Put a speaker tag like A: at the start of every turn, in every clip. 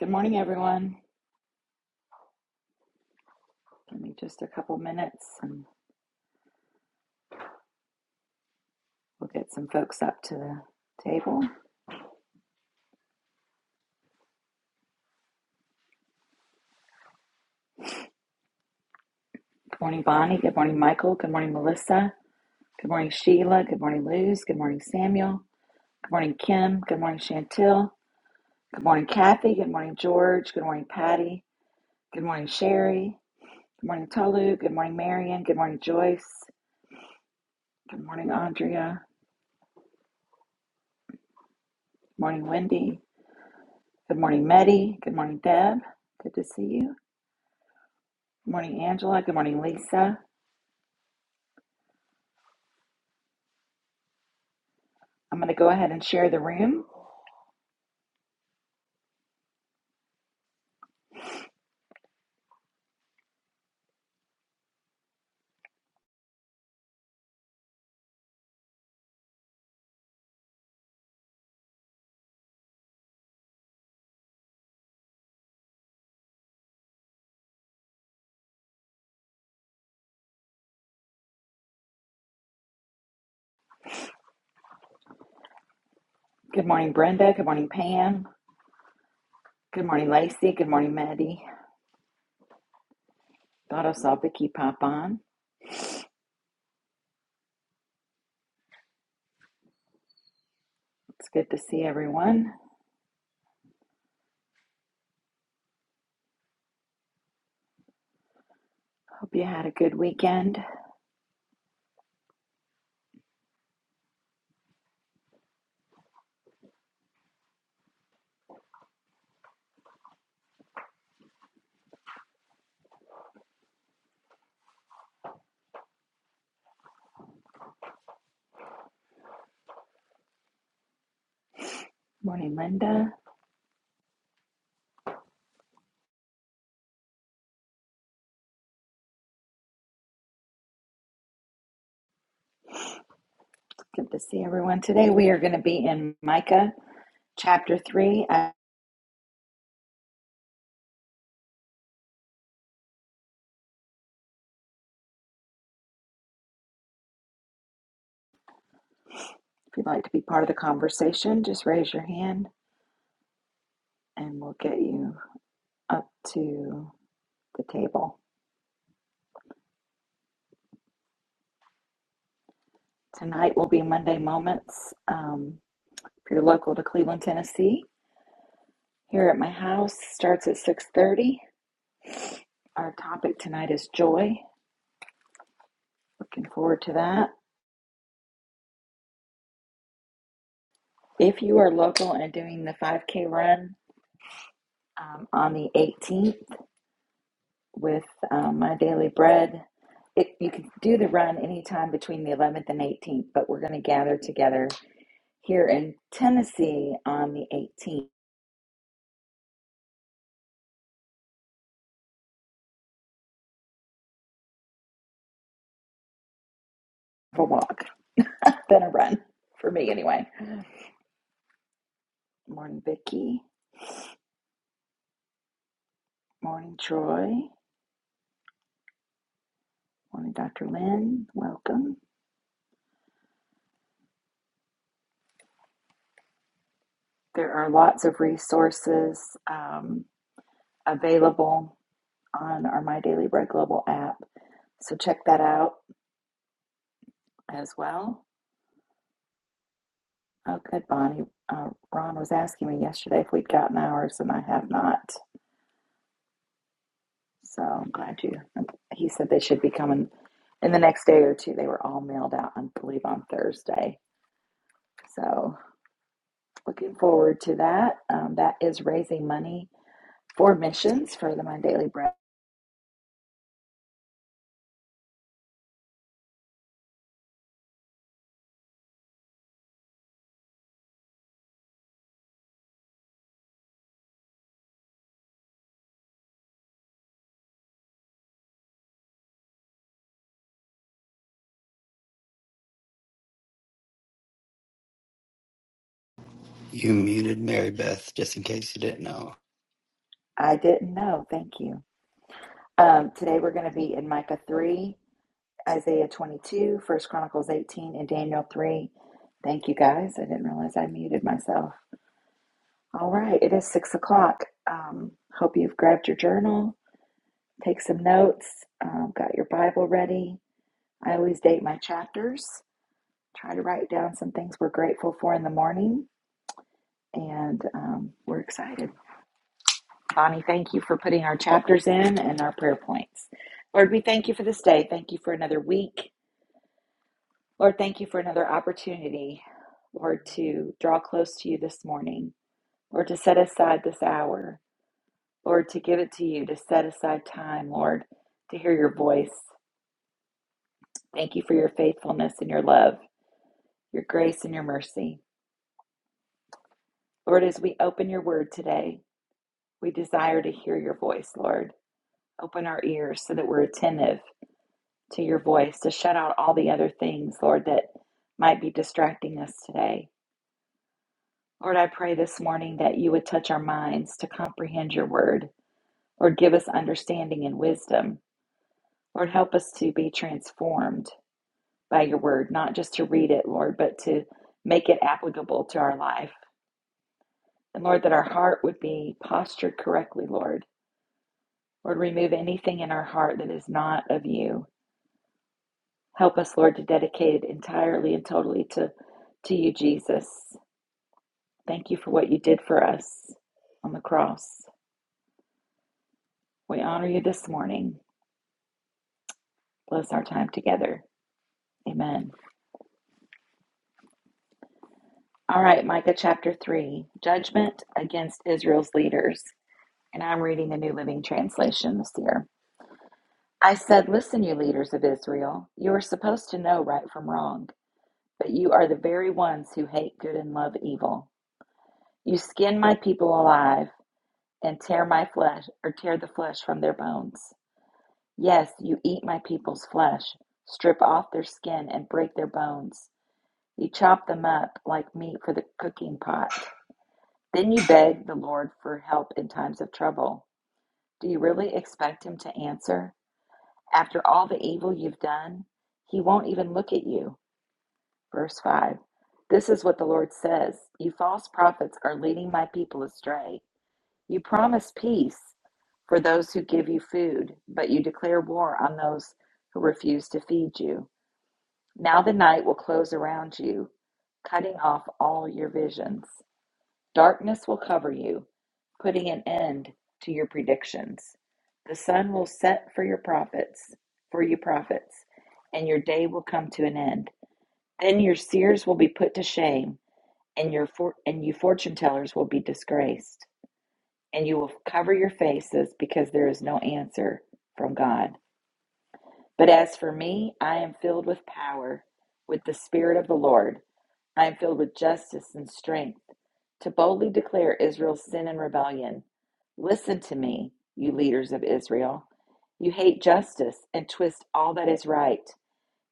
A: Good morning, everyone. Give me just a couple minutes and we'll get some folks up to the table. Good morning, Bonnie. Good morning, Michael. Good morning, Melissa. Good morning, Sheila. Good morning, Luz. Good morning, Samuel. Good morning, Kim. Good morning, Chantel. Good morning, Kathy. Good morning, George. Good morning, Patty. Good morning, Sherry. Good morning, Tolu. Good morning, Marion. Good morning, Joyce. Good morning, Andrea. Good morning, Wendy. Good morning, Meddy. Good morning, Deb. Good to see you. Good morning, Angela. Good morning, Lisa. I'm going to go ahead and share the room. Good morning, Brenda. Good morning, Pam. Good morning, Lacey. Good morning, Maddie. Thought I saw Vicky pop on. It's good to see everyone. Hope you had a good weekend. Morning, Linda. It's good to see everyone. Today we are going to be in Micah chapter 3. Uh, If you'd like to be part of the conversation, just raise your hand and we'll get you up to the table. Tonight will be Monday Moments. Um, if you're local to Cleveland, Tennessee, here at my house starts at 6.30 our topic tonight is joy looking forward to that if you are local and doing the 5k run um, on the 18th with um, my daily bread it, you can do the run anytime between the 11th and 18th but we're going to gather together here in tennessee on the 18th for a walk then a run for me anyway morning vicki morning troy morning dr lynn welcome There are lots of resources um, available on our My Daily Bread Global app. So check that out as well. Oh, good, Bonnie. Uh, Ron was asking me yesterday if we'd gotten ours, and I have not. So I'm glad you. He said they should be coming in the next day or two. They were all mailed out, I believe, on Thursday. So looking forward to that. Um, that is raising money for missions for the My Daily Bread.
B: You muted Mary Beth, just in case you didn't know.
A: I didn't know. Thank you. Um, today we're going to be in Micah 3, Isaiah 22, First Chronicles 18, and Daniel 3. Thank you guys. I didn't realize I muted myself. All right, it is 6 o'clock. Um, hope you've grabbed your journal, take some notes, um, got your Bible ready. I always date my chapters, try to write down some things we're grateful for in the morning, and um, we're excited. Bonnie, thank you for putting our chapters in and our prayer points. Lord, we thank you for this day. Thank you for another week. Lord, thank you for another opportunity, Lord, to draw close to you this morning, Lord, to set aside this hour, Lord, to give it to you, to set aside time, Lord, to hear your voice. Thank you for your faithfulness and your love, your grace and your mercy. Lord, as we open your word today, we desire to hear your voice, Lord. Open our ears so that we're attentive to your voice, to shut out all the other things, Lord, that might be distracting us today. Lord, I pray this morning that you would touch our minds to comprehend your word. Lord, give us understanding and wisdom. Lord, help us to be transformed by your word, not just to read it, Lord, but to make it applicable to our life. And Lord, that our heart would be postured correctly, Lord. Lord, remove anything in our heart that is not of you. Help us, Lord, to dedicate it entirely and totally to, to you, Jesus. Thank you for what you did for us on the cross. We honor you this morning. Bless our time together. Amen. All right, Micah chapter 3 Judgment against Israel's leaders. And I'm reading the New Living Translation this year. I said, Listen, you leaders of Israel, you are supposed to know right from wrong, but you are the very ones who hate good and love evil. You skin my people alive and tear my flesh or tear the flesh from their bones. Yes, you eat my people's flesh, strip off their skin and break their bones. You chop them up like meat for the cooking pot. Then you beg the Lord for help in times of trouble. Do you really expect Him to answer? After all the evil you've done, He won't even look at you. Verse 5 This is what the Lord says You false prophets are leading my people astray. You promise peace for those who give you food, but you declare war on those who refuse to feed you. Now the night will close around you, cutting off all your visions. Darkness will cover you, putting an end to your predictions. The sun will set for your prophets, for you prophets, and your day will come to an end. Then your seers will be put to shame, and your for- and you fortune tellers will be disgraced. And you will cover your faces because there is no answer from God. But as for me, I am filled with power, with the spirit of the Lord. I am filled with justice and strength to boldly declare Israel's sin and rebellion. Listen to me, you leaders of Israel. You hate justice and twist all that is right.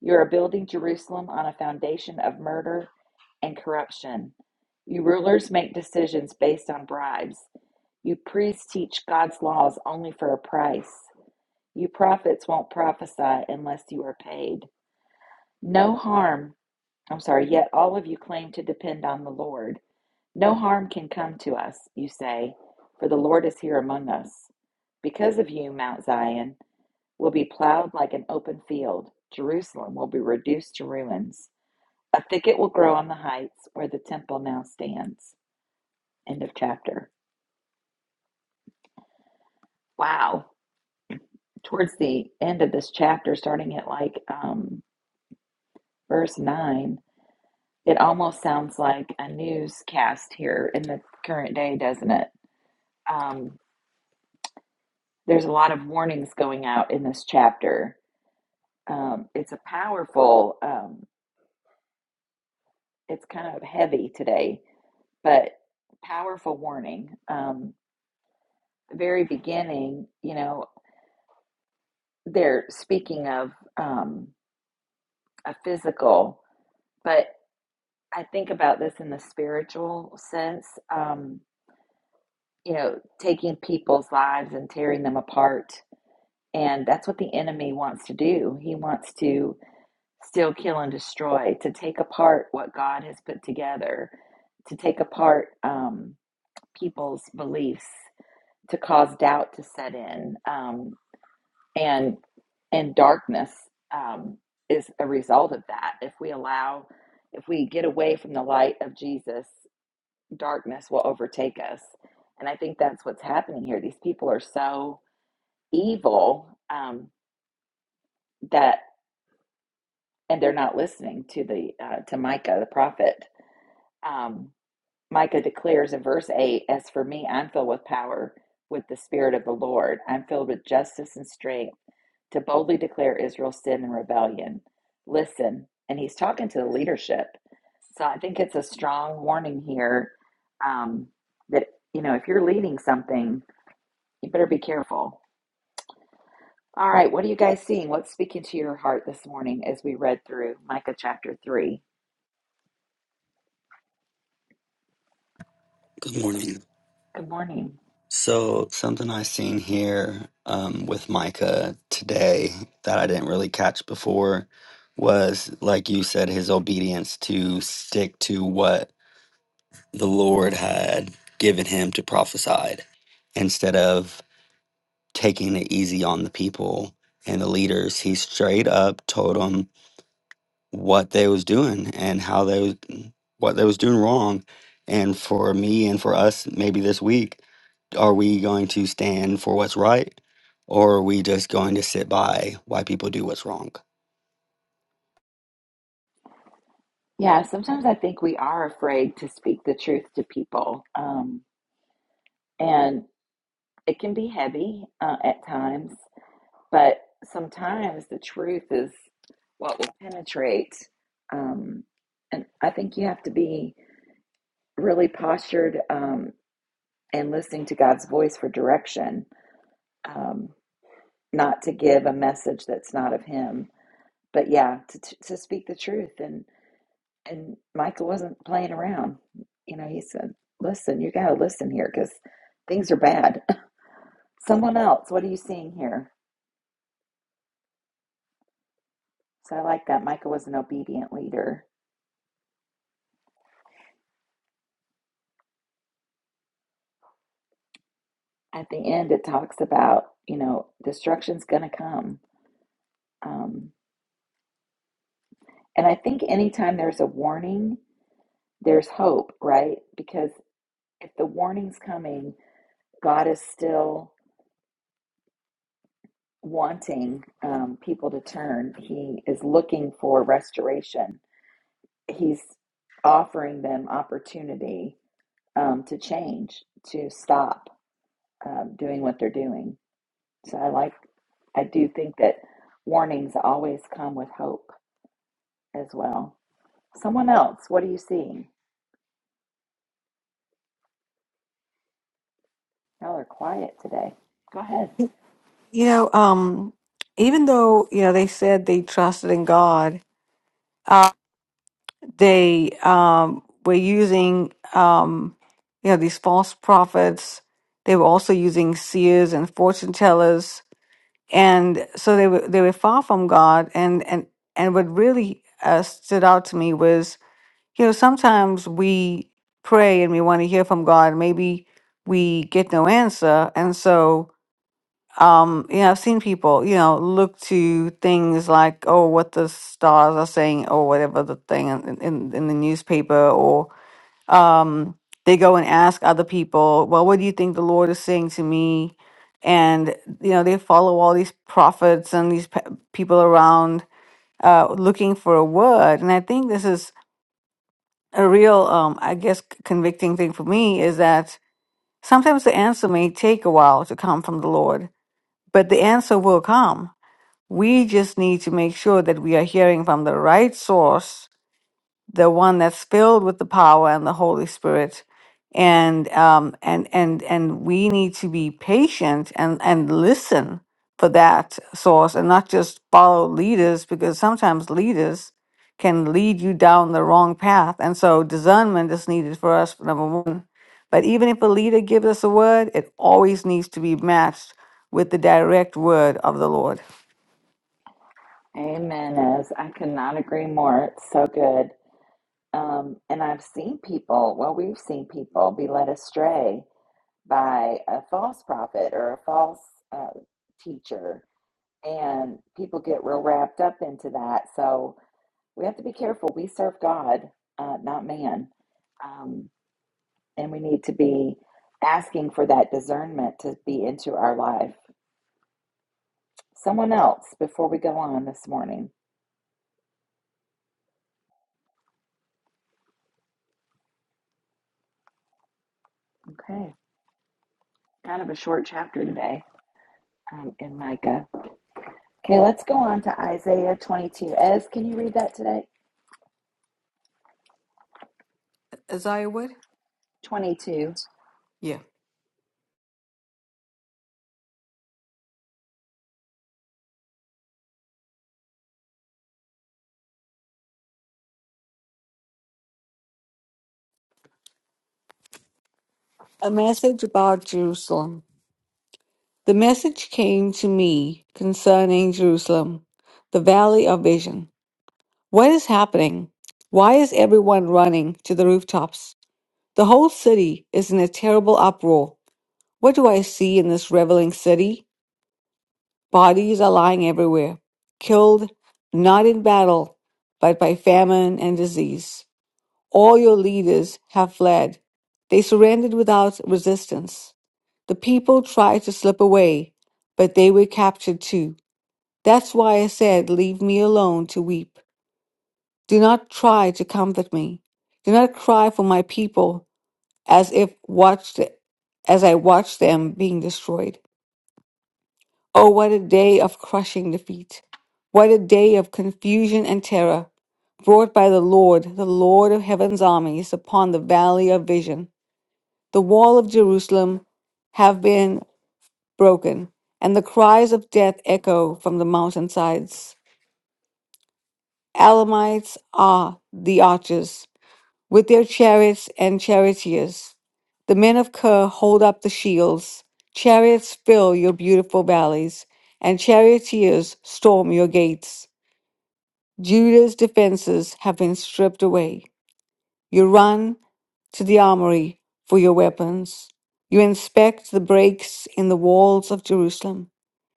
A: You are building Jerusalem on a foundation of murder and corruption. You rulers make decisions based on bribes. You priests teach God's laws only for a price. You prophets won't prophesy unless you are paid. No harm, I'm sorry, yet all of you claim to depend on the Lord. No harm can come to us, you say, for the Lord is here among us. Because of you, Mount Zion will be plowed like an open field. Jerusalem will be reduced to ruins. A thicket will grow on the heights where the temple now stands. End of chapter. Wow. Towards the end of this chapter, starting at like um, verse 9, it almost sounds like a newscast here in the current day, doesn't it? Um, there's a lot of warnings going out in this chapter Um, it's a powerful, um, it's kind of heavy today, but powerful warning. Um, very beginning, you know, they're speaking of um, a physical, but I think about this in the spiritual sense, um, you know, taking people's lives and tearing them apart. And that's what the enemy wants to do. He wants to still kill and destroy, to take apart what God has put together, to take apart. Um, people's beliefs to cause doubt to set in um, and and darkness um, is a result of that if we allow if we get away from the light of jesus darkness will overtake us and i think that's what's happening here these people are so evil um, that and they're not listening to the uh, to micah the prophet Um, Micah declares in verse 8 As for me, I'm filled with power with the Spirit of the Lord. I'm filled with justice and strength to boldly declare Israel's sin and rebellion. Listen, and he's talking to the leadership. So I think it's a strong warning here um, that, you know, if you're leading something, you better be careful. All right, what are you guys seeing? What's speaking to your heart this morning as we read through Micah chapter 3?
B: Good morning.
A: Good morning.
B: So, something I seen here um, with Micah today that I didn't really catch before was, like you said, his obedience to stick to what the Lord had given him to prophesy instead of taking it easy on the people and the leaders. He straight up told them. what they was doing and how they was what they was doing wrong and for me and for us maybe this week are we going to stand for what's right or are we just going to sit by why people do what's wrong
A: Yeah, sometimes I think we are afraid to speak the truth to people. Um, and it can be heavy uh, at times, but sometimes the truth is what will penetrate. Um, and I think you have to be really postured um, and listening to God's voice for direction, um, not to give a message that's not of Him, but yeah, to, to speak the truth. and. And Michael wasn't playing around. You know, he said, Listen, you got to listen here because things are bad. Someone else, what are you seeing here? So I like that Michael was an obedient leader. At the end, it talks about, you know, destruction's going to come. Um, and I think anytime there's a warning, there's hope, right? Because if the warning's coming, God is still wanting um, people to turn. He is looking for restoration he's offering them opportunity um, to change, to stop um, doing what they're doing. So I like, I do think that warnings always come with hope as well. Someone else, what are you seeing? Y'all are quiet today. Go ahead.
C: You know, um, even though, you know, they said they trusted in God, uh, they um, were using, um, you know, these false prophets. They were also using seers and fortune tellers. And so they were, they were far from God. And, and, and what really uh, stood out to me was, you know, sometimes we pray and we want to hear from God. Maybe we get no answer. And so, um you know i've seen people you know look to things like oh what the stars are saying or whatever the thing in, in, in the newspaper or um they go and ask other people well what do you think the lord is saying to me and you know they follow all these prophets and these pe- people around uh looking for a word and i think this is a real um i guess c- convicting thing for me is that sometimes the answer may take a while to come from the lord but the answer will come we just need to make sure that we are hearing from the right source, the one that's filled with the power and the Holy Spirit. And um, and and and we need to be patient and and listen for that source and not just follow leaders because sometimes leaders can lead you down the wrong path. And so discernment is needed for us, number one. But even if a leader gives us a word, it always needs to be matched with the direct word of the Lord.
A: Amen. As I cannot agree more. It's so good. Um, and I've seen people, well, we've seen people be led astray by a false prophet or a false uh, teacher And people get real wrapped up into that. So we have to be careful. We serve God, uh, not man. Um, and we need to be asking for that discernment to be into our life. Someone else before we go on this morning. Okay. Kind of a short chapter today um, in Micah. Okay, let's go on to Isaiah 22. Ez, can you read that today?
C: Isaiah Wood?
A: 22.
C: Yeah. A message about Jerusalem. The message came to me concerning Jerusalem, the valley of vision. What is happening? Why is everyone running to the rooftops? The whole city is in a terrible uproar. What do I see in this reveling city? Bodies are lying everywhere, killed not in battle, but by famine and disease. All your leaders have fled. They surrendered without resistance. The people tried to slip away, but they were captured too. That's why I said, Leave me alone to weep. Do not try to comfort me. Do not cry for my people as if watched as I watched them being destroyed. Oh what a day of crushing defeat. What a day of confusion and terror brought by the Lord, the Lord of heaven's armies, upon the valley of vision. the wall of Jerusalem have been broken, and the cries of death echo from the mountainsides. Alamites are the archers, with their chariots and charioteers. The men of Ker hold up the shields. Chariots fill your beautiful valleys, and charioteers storm your gates. Judah's defenses have been stripped away. You run, to the armory for your weapons. You inspect the breaks in the walls of Jerusalem.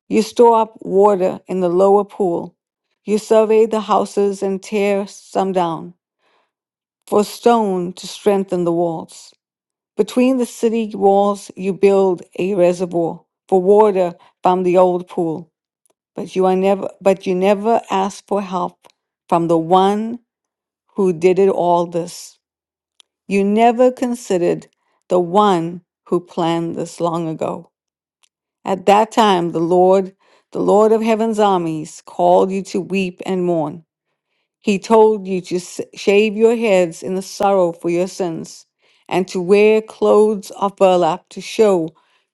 C: You store up water in the lower pool. You survey the houses and tear some down for stone to strengthen the walls. Between the city walls, you build a reservoir for water from the old pool. But you are never, but you never ask for help from the one who did it all this you never considered the one who planned this long ago. At that time, the Lord, the Lord of heaven's armies, called you to weep and mourn. He told you to s- shave your heads in the sorrow for your sins and to wear clothes of burlap to show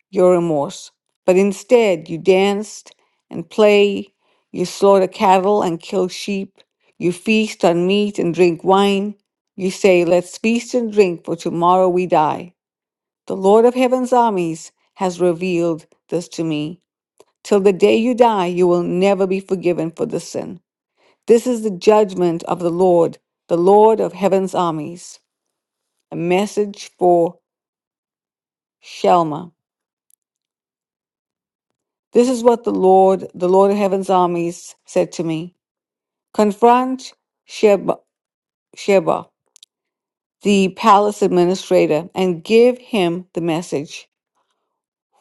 C: your remorse. But instead, you danced and play, you slaughter cattle and kill sheep, you feast on meat and drink wine. You say, Let's feast and drink, for tomorrow we die. The Lord of heaven's armies has revealed this to me. Till the day you die, you will never be forgiven for this sin. This is the judgment of the Lord, the Lord of heaven's armies. A message for Shelma. This is what the Lord, the Lord of heaven's armies, said to me Confront Sheba, Sheba, the palace administrator, and give him the message.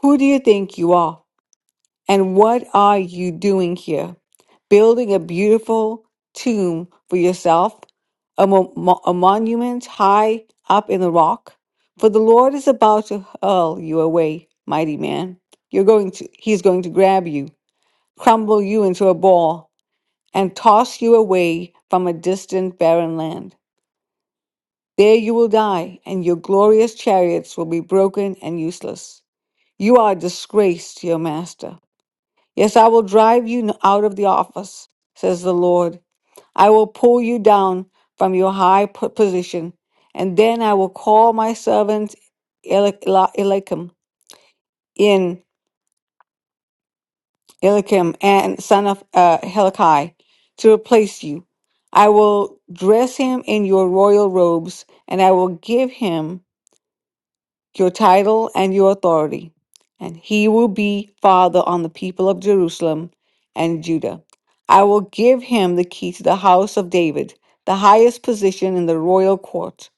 C: Who do you think you are? And what are you doing here? Building a beautiful tomb for yourself, a, mo- mo- a monument high up in the rock? For the Lord is about to hurl you away, mighty man. You're going to, he's going to grab you, crumble you into a ball, and toss you away from a distant barren land. There you will die, and your glorious chariots will be broken and useless. You are a disgrace to your master. Yes, I will drive you n- out of the office, says the Lord. I will pull you down from your high p- position, and then I will call my servant Eli- Eli- Eliakim in Eliakim and son of uh, Helikai to replace you. I will dress him in your royal robes, and I will give him your title and your authority, and he will be father on the people of Jerusalem and Judah. I will give him the key to the house of David, the highest position in the royal court.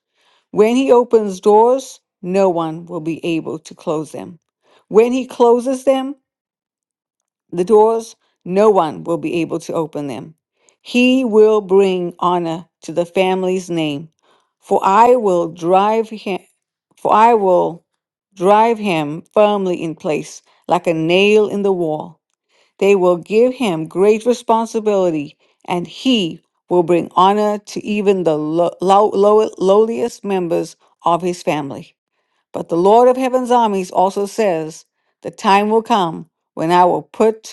C: When he opens doors, no one will be able to close them. When he closes them, the doors, no one will be able to open them. He will bring honor to the family's name, for I will drive him for I will drive him firmly in place like a nail in the wall. They will give him great responsibility, and he will bring honor to even the lo- low- low- lowliest members of his family. But the Lord of heaven's armies also says, The time will come when I will put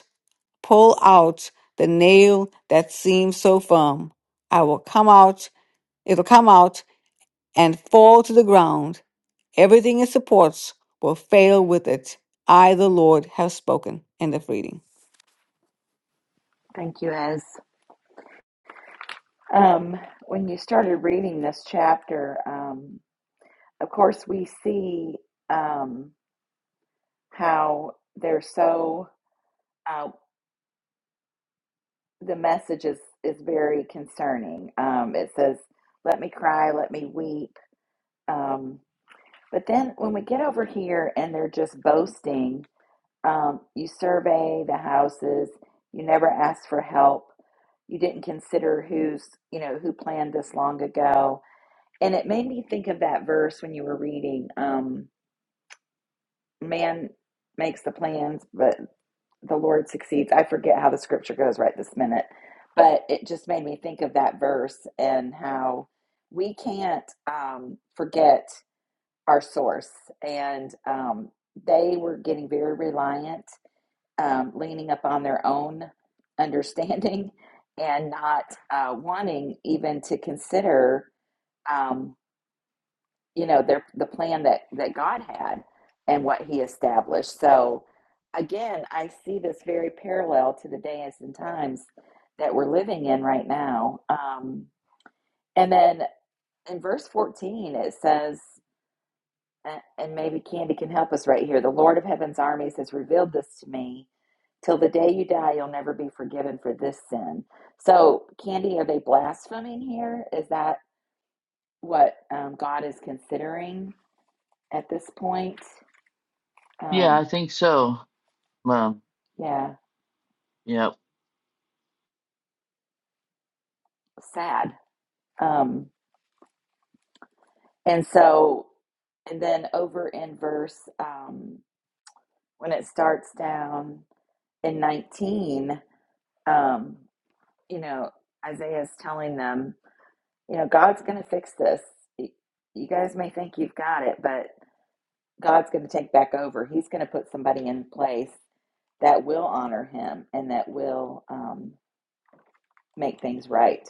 C: Pull out the nail that seems so firm. I will come out, it'll come out and fall to the ground. Everything it supports will fail with it. I, the Lord, have spoken. End of reading.
A: Thank you, Ez. Um, when you started reading this chapter, um. Of course, we see um, how they're so, uh, the message is, is very concerning. Um, it says, let me cry, let me weep. Um, but then when we get over here and they're just boasting, um, you survey the houses, you never ask for help, you didn't consider who's, you know, who planned this long ago. And it made me think of that verse when you were reading, um, man makes the plans, but the Lord succeeds. I forget how the scripture goes right this minute, but it just made me think of that verse and how we can't um, forget our source. And um, they were getting very reliant, um, leaning upon their own understanding and not uh, wanting even to consider. Um, you know their the plan that that God had and what he established. So again, I see this very parallel to the days and times that we're living in right now. Um, and then in verse 14 it says and maybe Candy can help us right here. The Lord of Heaven's armies has revealed this to me. Till the day you die, you'll never be forgiven for this sin. So, Candy, are they blaspheming here? Is that what um, God is considering at this point?
D: Yeah, I
A: Um,
D: think so. Um,
A: yeah,
D: yeah.
A: sad. Um, and so, and then over in verse, um, when it starts down in 19, um, you know, Isaiah is telling them, you know, God's going to fix this. You guys may think you've got it, but God's going to take back over. He's going to put somebody in place that will honor him and that will um, make things right.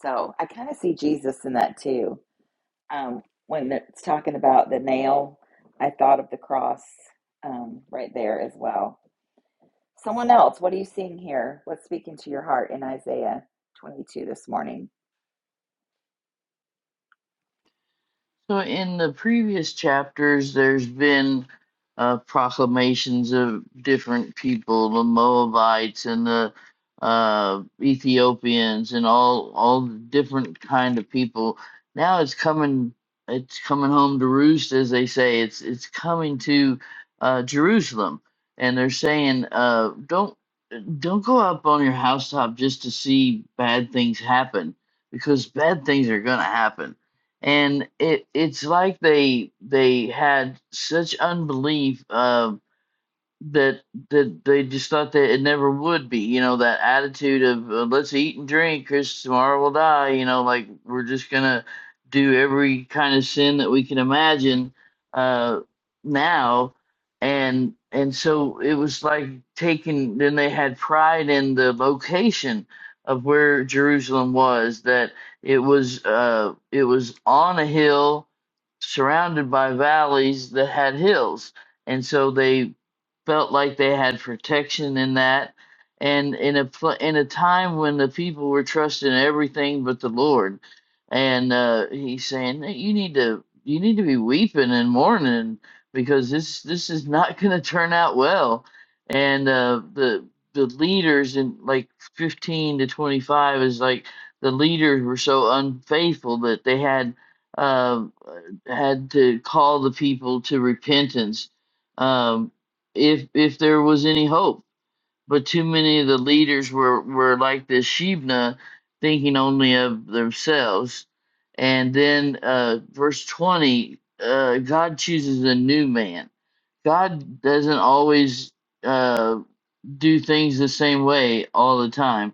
A: So I kind of see Jesus in that too um, when it's talking about the nail, I thought of the cross um, right there as well. Someone else, what are you seeing here? What's speaking to your heart in Isaiah 22 this morning?
D: So in the previous chapters, there's been uh, proclamations of different people, the Moabites and the uh, Ethiopians, and all all the different kind of people. Now it's coming, it's coming home to roost, as they say. It's it's coming to uh, Jerusalem, and they're saying, uh, "Don't." don't go up on your housetop just to see bad things happen because bad things are going to happen and it it's like they they had such unbelief uh, that that they just thought that it never would be. You know, that attitude of uh, let's eat and drink, because tomorrow we'll die. You know, like we're just gonna do every kind of sin that we can imagine uh, now, and and so it was like taking. Then they had pride in the location of where Jerusalem was. That it was uh, it was on a hill surrounded by valleys that had hills. And so they felt like they had protection in that and in a pl- in a time when the people were trusting everything but the lord and uh he's saying that you need to you need to be weeping and mourning because this this is not going to turn out well and uh the the leaders in like 15 to 25 is like the leaders were so unfaithful that they had uh, had to call the people to repentance um if if there was any hope. But too many of the leaders were were like this Shebna, thinking only of themselves. And then uh, verse twenty, uh, God chooses a new man. God doesn't always uh, do things the same way all the time.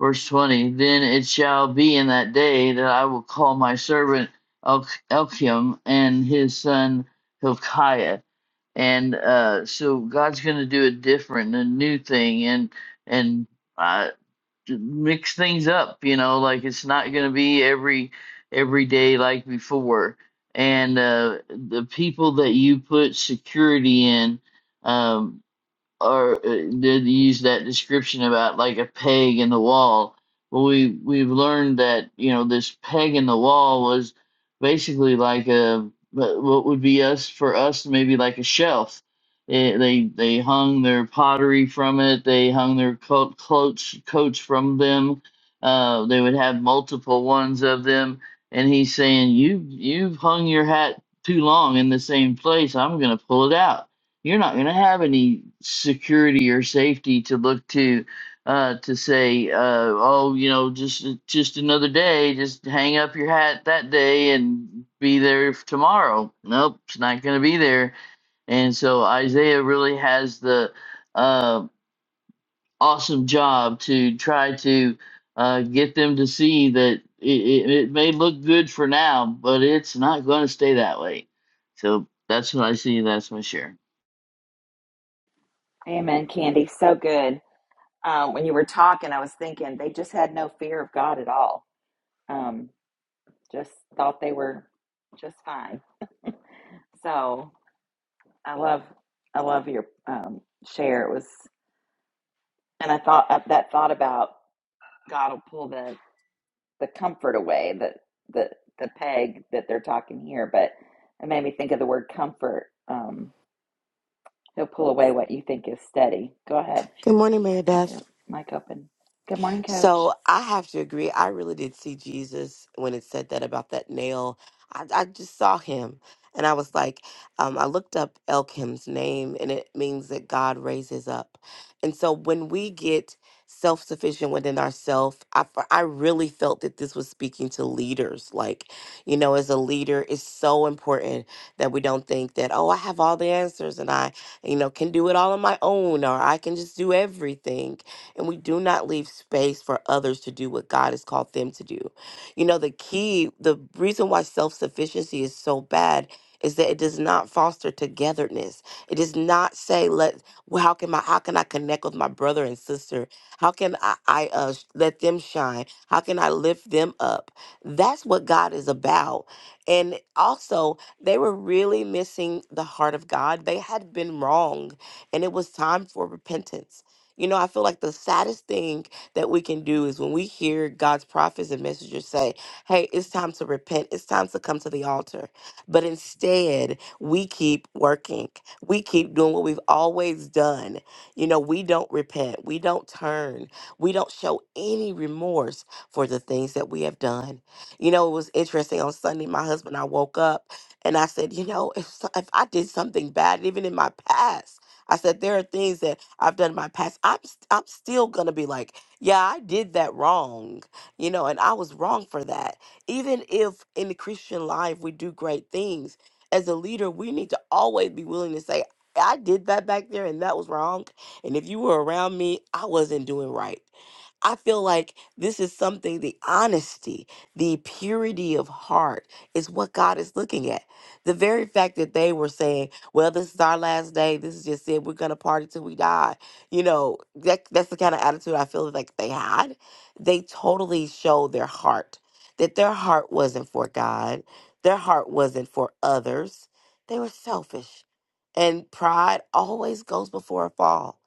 D: Verse twenty. Then it shall be in that day that I will call my servant El- Elkim and his son Hilkiah and uh, so God's going to do a different, a new thing, and and uh, to mix things up. You know, like it's not going to be every every day like before. And uh, the people that you put security in, um, or uh, did use that description about like a peg in the wall. Well, we we've learned that you know this peg in the wall was basically like a wha- what would be us for us maybe like a shelf. Eh, they they hung their pottery from it. They hung their coat coats coats from them. Uh, they would have multiple ones of them. And he's saying, "You you've hung your hat too long in the same place. I'm gonna pull it out." you're not going to have any security or safety to look to uh, to say, uh, oh, you know, just just another day, just hang up your hat that day and be there f- tomorrow. Nope, it's not going to be there. And so Isaiah really has the uh, awesome job to try to uh, get them to see that it, it, it may look good for now, but it's not going to stay that way. So that's what I see. That's my share.
A: Amen, Candy. So good. Uh, when you were talking, I was thinking they just had no fear of God at all. Um, just thought they were just fine. So I love, I love your um, share. It was, and I thought uh, that thought about God will pull the the comfort away, the the the peg that they're talking here, but it made me think of the word comfort. Um, he'll pull away what you think is steady. Go ahead.
E: Good morning, Mary
A: I
E: Beth.
A: hear mic open. Good morning, coach.
E: So I have to agree. I really did see Jesus when it said that about that nail. I, I just saw him. And I was like, um, I looked up Elkim's name, and it means that God raises up. And so when we get self sufficient within ourselves, I, f- I really felt that this was speaking to leaders. Like, you know, as a leader, it's so important that we don't think that, oh, I have all the answers and I, you know, can do it all on my own or I can just do everything and we do not leave space for others to do what God has called them to do. You know, the key, the reason why self sufficiency is so bad is that it does not foster togetherness. It does not say, let, well, how can my, how can I connect with my brother and sister? How can I, I uh, sh- let them shine? How can I lift them up? That's what God is about. And also, they were really missing the heart of God. They had been wrong, and it was time for repentance. You know, I feel like the saddest thing that we can do is when we hear God's prophets and messengers say, hey, it's time to repent, it's time to come to the altar. But instead, we keep working, we keep doing what we've always done. You know, we don't repent, we don't turn, we don't show any remorse for the things that we have done. You know, it was interesting on Sunday, my husband and I woke up and I said, you know, if, so- if I did something bad, even in my past, I said there are things that I've done in my past. I'm st- I'm still gonna be like, yeah, I did that wrong, you know, and I was wrong for that. Even if in the Christian life we do great things, as a leader, we need to always be willing to say, I did that back there, and that was wrong. And if you were around me, I wasn't doing right. I feel like this is something the honesty, the purity of heart is what God is looking at. The very fact that they were saying, well, this is our last day, this is just it, we're going to party till we die. You know, that, that's the kind of attitude I feel like they had. They totally showed their heart, that their heart wasn't for God, their heart wasn't for others. They were selfish. And pride always goes before a fall.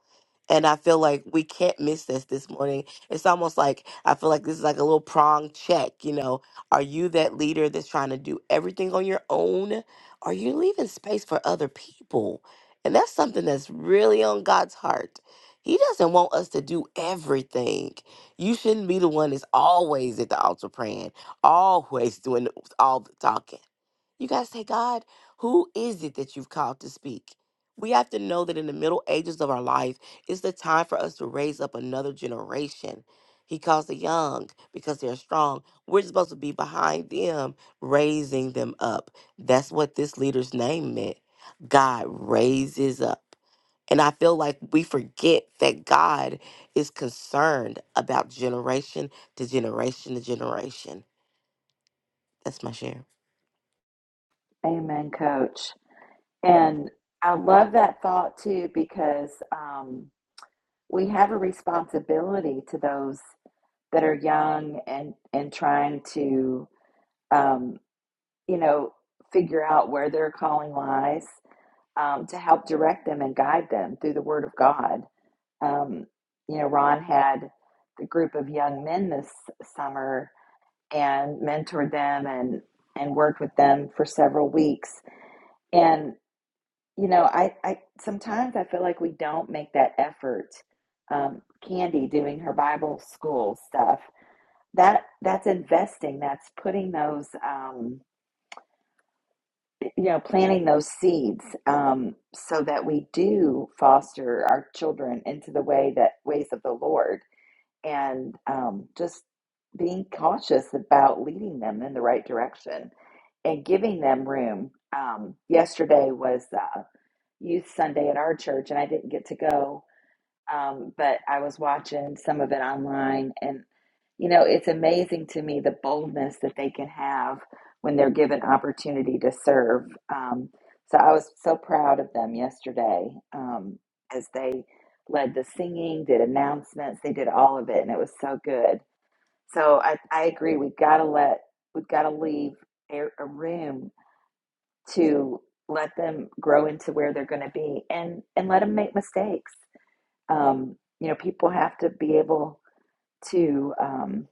E: And I feel like we can't miss this this morning. It's almost like I feel like this is like a little prong check. You know, are you that leader that's trying to do everything on your own? Are you leaving space for other people? And that's something that's really on God's heart. He doesn't want us to do everything. You shouldn't be the one that's always at the altar praying, always doing all the talking. You got to say, God, who is it that you've called to speak? We have to know that in the middle ages of our life, it's the time for us to raise up another generation. He calls the young because they're strong. We're supposed to be behind them, raising them up. That's what this leader's name meant. God raises up. And I feel like we forget that God is concerned about generation to generation to generation. That's my share.
A: Amen, coach. And I love that thought too because um, we have a responsibility to those that are young and and trying to um, you know figure out where their calling lies um, to help direct them and guide them through the Word of God. Um, you know, Ron had a group of young men this summer and mentored them and and worked with them for several weeks. And you know, I, I sometimes I feel like we don't make that effort. Um, Candy doing her Bible school stuff that that's investing. That's putting those. Um, you know, planting those seeds um, so that we do foster our children into the way that ways of the Lord, and um, just being cautious about leading them in the right direction and giving them room. Um, yesterday was uh, Youth Sunday at our church, and I didn't get to go um, but I was watching some of it online, and you know, it's amazing to me the boldness that they can have when they're given opportunity to serve. Um, so I was so proud of them yesterday um, as they led the singing, did announcements, they did all of it, and it was so good. So I, I agree. We've got to let we've got to leave a, a room to let them grow into where they're going to be, and and let them make mistakes. Um, you know, people have to be able to, um,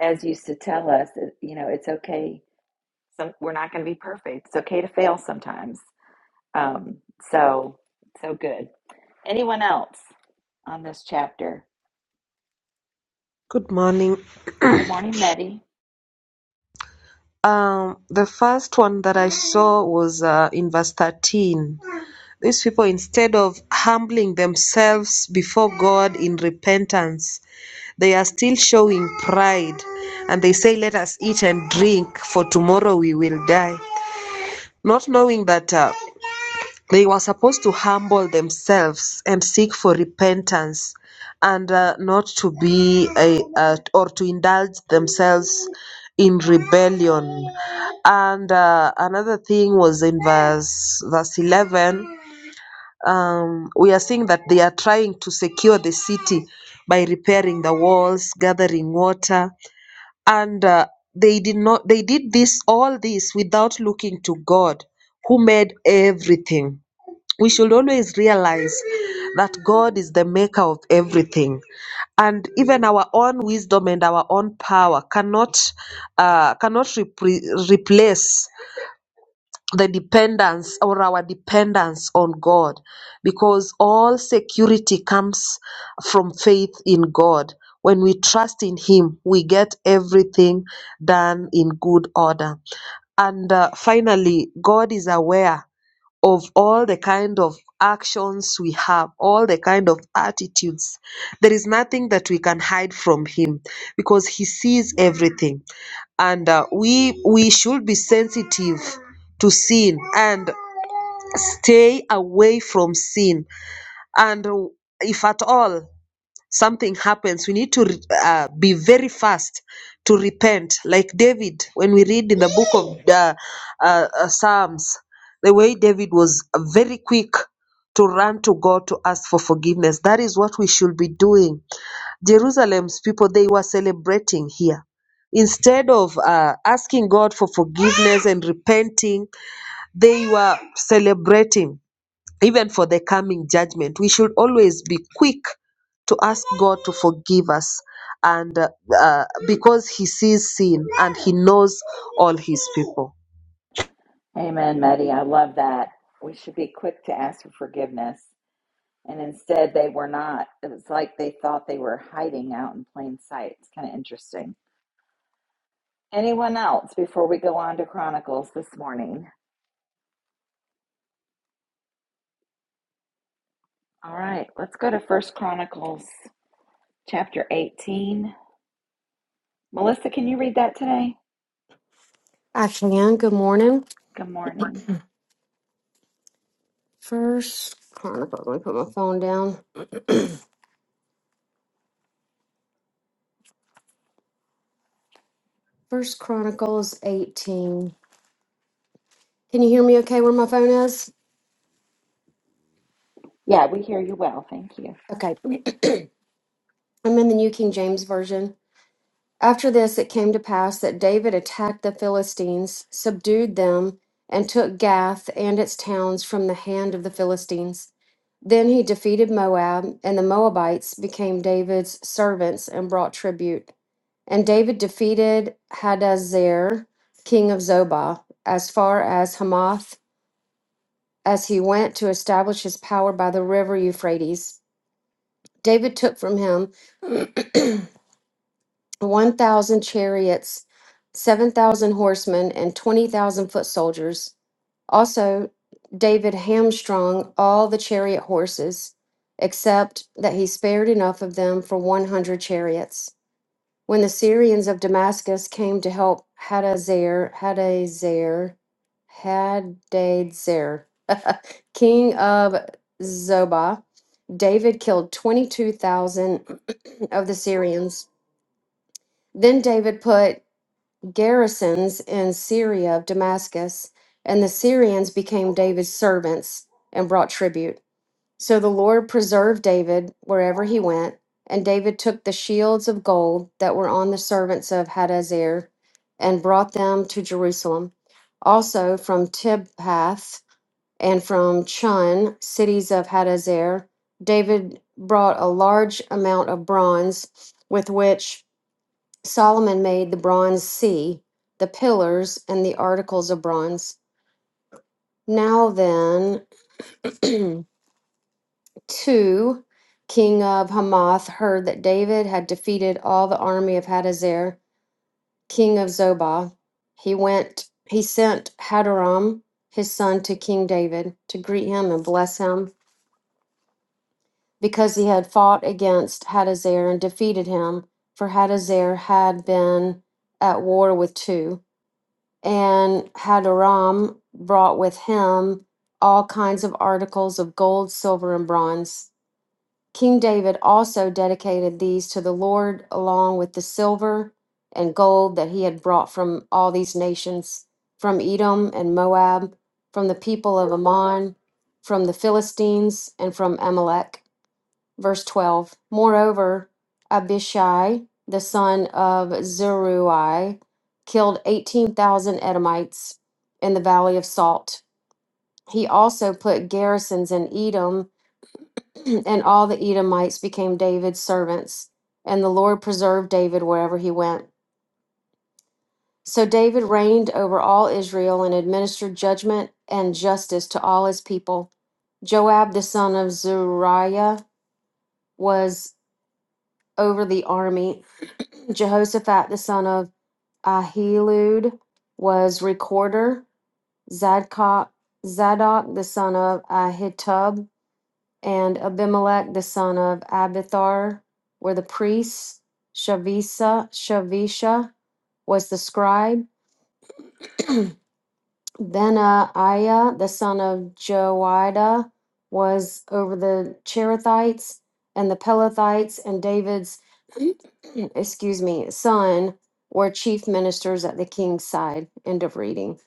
A: as used to tell us, you know, it's okay. Some, we're not going to be perfect. It's okay to fail sometimes. Um, so, so good. Anyone else on this chapter?
F: Good morning.
A: Good morning, Meddy.
F: Um, the first one that I saw was uh, in verse 13. These people, instead of humbling themselves before God in repentance, they are still showing pride and they say, Let us eat and drink, for tomorrow we will die. Not knowing that. Uh, they were supposed to humble themselves and seek for repentance and uh, not to be a, uh, or to indulge themselves in rebellion and uh, another thing was in verse verse 11 um, we are seeing that they are trying to secure the city by repairing the walls gathering water and uh, they did not they did this all this without looking to god who made everything we should always realize that God is the maker of everything. And even our own wisdom and our own power cannot uh, cannot repre- replace the dependence or our dependence on God, because all security comes from faith in God. When we trust in Him, we get everything done in good order. And uh, finally, God is aware of all the kind of actions we have, all the kind of attitudes. There is nothing that we can hide from Him because He sees everything. And uh, we, we should be sensitive to sin and stay away from sin. And if at all, something happens, we need to uh, be very fast to repent. Like David, when we read in the book of uh, uh, uh, Psalms, the way David was very quick to run to God to ask for forgiveness. That is what we should be doing. Jerusalem's people, they were celebrating here. Instead of uh, asking God for forgiveness and repenting, they were celebrating even for the coming judgment. We should always be quick to ask God to forgive us and uh, uh, because he sees sin and he knows all his people.
A: Amen, Meddy. I love that. We should be quick to ask for forgiveness. And instead, they were not. It was like they thought they were hiding out in plain sight. It's kind of interesting. Anyone else before we go on to Chronicles this morning? All right, let's go to First Chronicles chapter 18. Melissa, can you read that today?
G: I can. Good morning.
A: Good morning.
G: First Chronicle. Let me put my phone down. First Chronicles 18. Can you hear me okay where my phone is?
A: Yeah, we hear you well. Thank you.
G: Okay. I'm in the New King James Version. After this, it came to pass that David attacked the Philistines, subdued them, and took Gath and its towns from the hand of the Philistines. Then he defeated Moab, and the Moabites became David's servants and brought tribute. And David defeated Hadazer, king of Zobah, as far as Hamath, as he went to establish his power by the river Euphrates. David took from him 1,000 chariots, 7,000 horsemen, and 20,000 foot soldiers. Also, David hamstrung all the chariot horses, except that he spared enough of them for 100 chariots. When the Syrians of Damascus came to help Hadazer, Hadazer, Hadazer, king of Zobah, David killed 22,000 of the Syrians. Then David put garrisons in Syria of Damascus, and the Syrians became David's servants and brought tribute. So the Lord preserved David wherever he went, and David took the shields of gold that were on the servants of Hadazer and brought them to Jerusalem. Also from Tibhath and from Chun, cities of Hadazer, David brought a large amount of bronze with which Solomon made the bronze sea, the pillars, and the articles of bronze. Now then, 2, king of Hamath heard that David had defeated all the army of Hadazer, king of Zobah. He went, he sent Hadaram, his son, to King David to greet him and bless him because he had fought against Hadazer and defeated him, for Hadazer had been at war with two. And Hadaram brought with him all kinds of articles of gold, silver, and bronze. King David also dedicated these to the Lord along with the silver and gold that he had brought from all these nations from Edom and Moab, from the people of Ammon, from the Philistines, and from Amalek. Verse 12 Moreover, Abishai, the son of Zeruiah, killed 18,000 Edomites in the valley of Salt. He also put garrisons in Edom and all the Edomites became David's servants, and the Lord preserved David wherever he went. So David reigned over all Israel and administered judgment and justice to all his people. Joab the son of Zeruiah was over the army. Jehoshaphat the son of Ahilud was recorder. Zadok, Zadok the son of Ahitub and Abimelech the son of Abithar were the priests. Shavisa, Shavisha was the scribe. Then uh, the son of Joiada was over the Cherethites and the Pelethites, and David's, excuse me, son were chief ministers at the king's side. End of reading.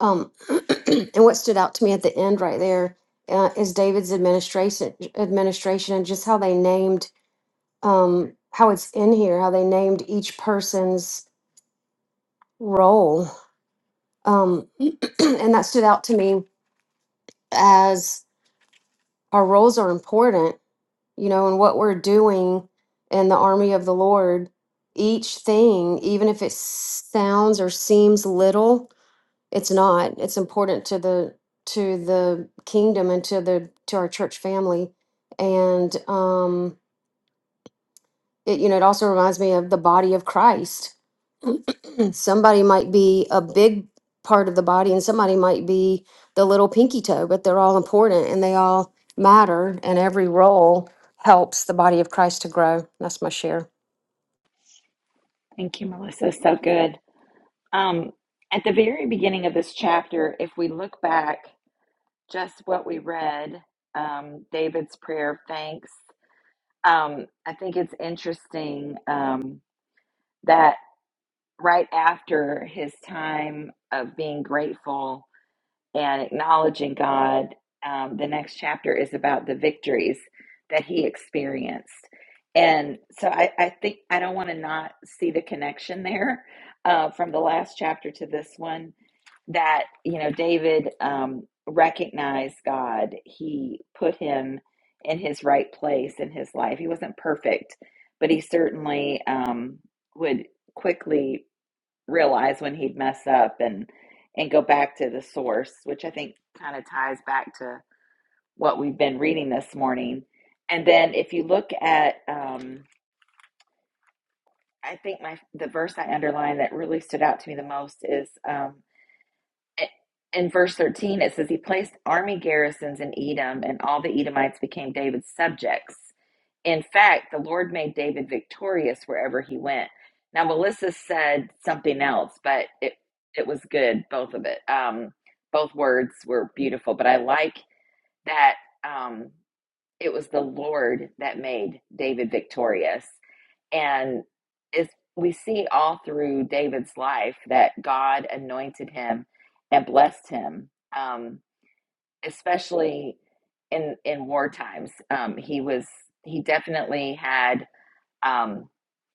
G: Um, and what stood out to me at the end right there uh, is David's administration, administration, and just how they named um, how it's in here, how they named each person's role. Um, and that stood out to me as our roles are important, you know, and what we're doing in the army of the Lord. Each thing, even if it sounds or seems little, it's not. It's important to the to the kingdom and to the to our church family. And um, it, you know, it also reminds me of the body of Christ Somebody might be a big part of the body and somebody might be the little pinky toe, but they're all important and they all matter, and every role helps the body of Christ to grow. That's my share.
A: Thank you, Melissa. So good. Um, at the very beginning of this chapter, if we look back just what we read, um, David's prayer of thanks, um, I think it's interesting um, that right after his time of being grateful and acknowledging God. Um, the next chapter is about the victories that he experienced. And so I, I think I don't want to not see the connection there uh, from the last chapter to this one that, you know, David um, recognized God. He put him in his right place in his life. He wasn't perfect, but he certainly um, would quickly realize when he'd mess up and and go back to the source, which I think kind of ties back to what we've been reading this morning. And then if you look at, um, I think my the verse I underlined that really stood out to me the most is um, in verse 13 it says he placed army garrisons in edom and all the edomites became david's subjects in fact the lord made david victorious wherever he went now melissa said something else but it it was good both of it um both words were beautiful but i like that um it was the lord that made david victorious and it's, we see all through David's life that God anointed him and blessed him, um, especially in in war times. Um, he was he definitely had um,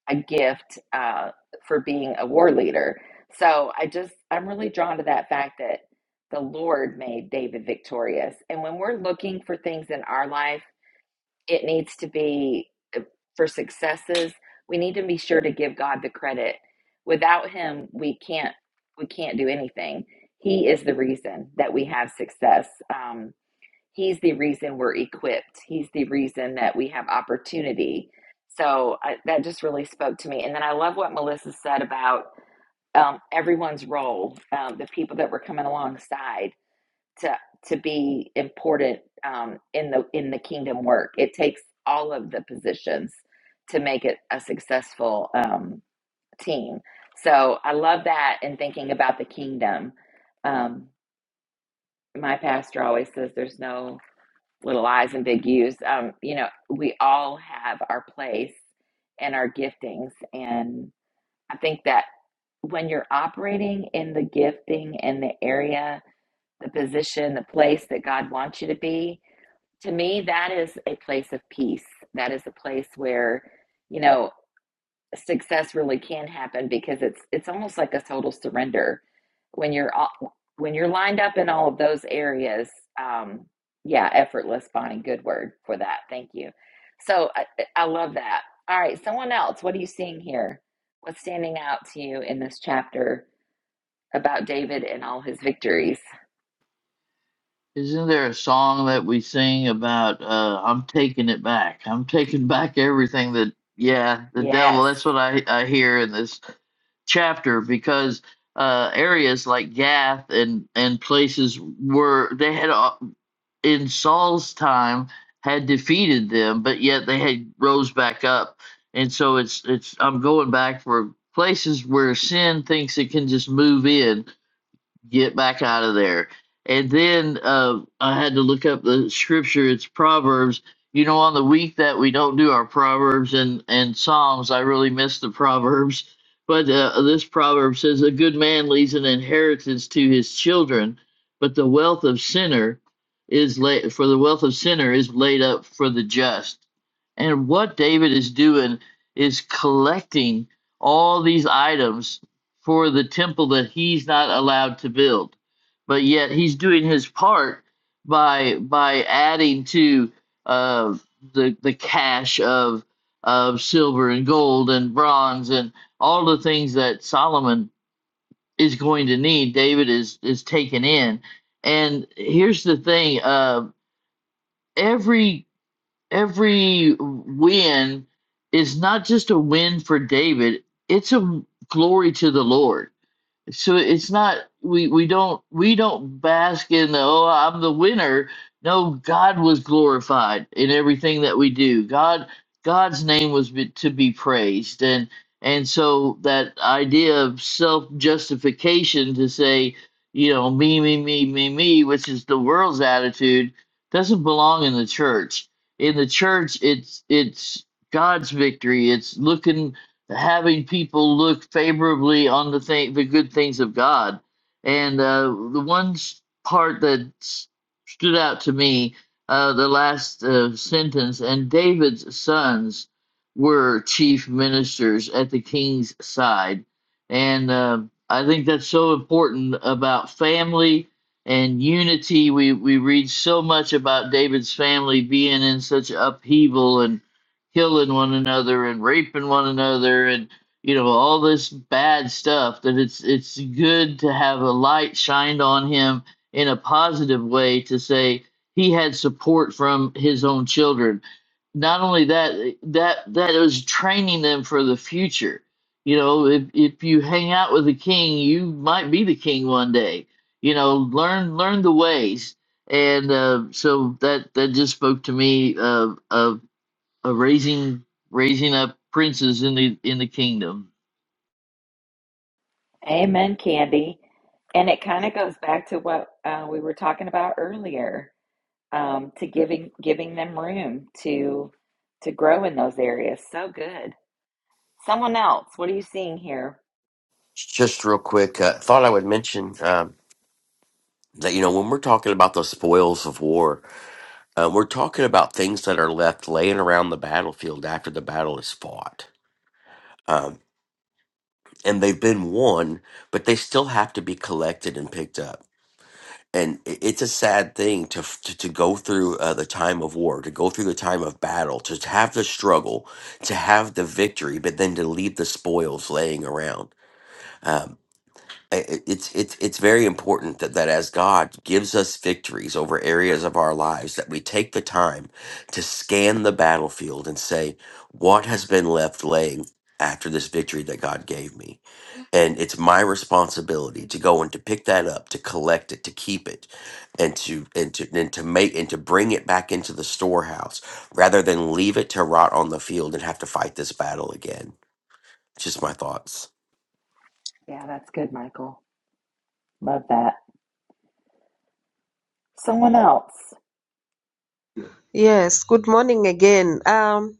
A: a gift uh, for being a war leader. So I just I'm really drawn to that fact that the Lord made David victorious. And when we're looking for things in our life it needs to be uh, for successes we need to be sure to give god the credit without him we can't we can't do anything he is the reason that we have success um, he's the reason we're equipped he's the reason that we have opportunity so I, that just really spoke to me and then i love what melissa said about um, everyone's role um, the people that were coming alongside to to be important um, in the in the kingdom work. It takes all of the positions to make it a successful um, team. So I love that and thinking about the kingdom. Um, my pastor always says there's no little I's and big U's. Um, you know, we all have our place and our giftings. And I think that when you're operating in the gifting and the area, the position, the place that God wants you to be, to me that is a place of peace that is a place where you know success really can happen because it's it's almost like a total surrender when you're all, when you're lined up in all of those areas um yeah effortless bonnie good word for that thank you so i, I love that all right someone else what are you seeing here what's standing out to you in this chapter about david and all his victories
D: Isn't there a song that we sing about uh I'm taking it back. I'm taking back everything that yeah, the devil,
A: yes
D: that's what I I hear in this chapter because uh areas like Gath and and places were they had a- in Saul's time had defeated them, but yet they had rose back up. And so it's it's I'm going back for places where sin thinks it can just move in get back out of there. And then uh, I had to look up the scripture. It's Proverbs. You know, on the week that we don't do our Proverbs and, and Psalms, I really miss the Proverbs. But uh, this proverb says, A good man leaves an inheritance to his children, but the wealth of sinner is laid for the wealth of sinner is laid up for the just. And what David is doing is collecting all these items for the temple that he's not allowed to build. But yet he's doing his part by by adding to uh, the the cache of of silver and gold and bronze and all the things that Solomon is going to need. David is is taken in, and here's the thing: uh, every every win is not just a win for David; it's a glory to the Lord so it's not we we don't we don't bask in the oh I'm the winner. No, God was glorified in everything that we do. God God's name was be, to be praised and and so that idea of self justification to say you know me me me me me which is the world's attitude doesn't belong in the church. In the church it's it's God's victory. It's looking having people look favorably on the thing, the good things of God. And uh, the one part that stood out to me, uh, the last uh, sentence, and David's sons were chief ministers at the king's side. And uh, I think that's so important about family and unity. We, we read so much about David's family being in such upheaval and killing one another and raping one another and you know all this bad stuff that it's it's good to have a light shined on him in a positive way to say he had support from his own children not only that that that was training them for the future you know if if you hang out with the king you might be the king one day you know learn learn the ways and uh, so that that just spoke to me of of of raising raising up princes in the in the kingdom.
A: Amen, Candy. And it kind of goes back to what uh, we were talking about earlier, um, to giving giving them room to to grow in those areas. So good. Someone else, what are you seeing here?
H: Just real quick, uh, thought I would mention um, that you know when we're talking about the spoils of war, uh, we're talking about things that are left laying around the battlefield after the battle is fought, um, and they've been won, but they still have to be collected and picked up. And i- it's a sad thing to f- to, to go through uh, the time of war, to go through the time of battle, to have the struggle, to have the victory, but then to leave the spoils laying around. Um, I- it's it's it's very important that that as God gives us victories over areas of our lives that we take the time to scan the battlefield and say what has been left laying after this victory that God gave me and it's my responsibility to go and to pick that up to collect it to keep it and to and to and to make and to bring it back into the storehouse rather than leave it to rot on the field and have to fight this battle again just my thoughts
A: Yeah, that's good, Michael. Love that. Someone else.
F: Yes, good morning again. Um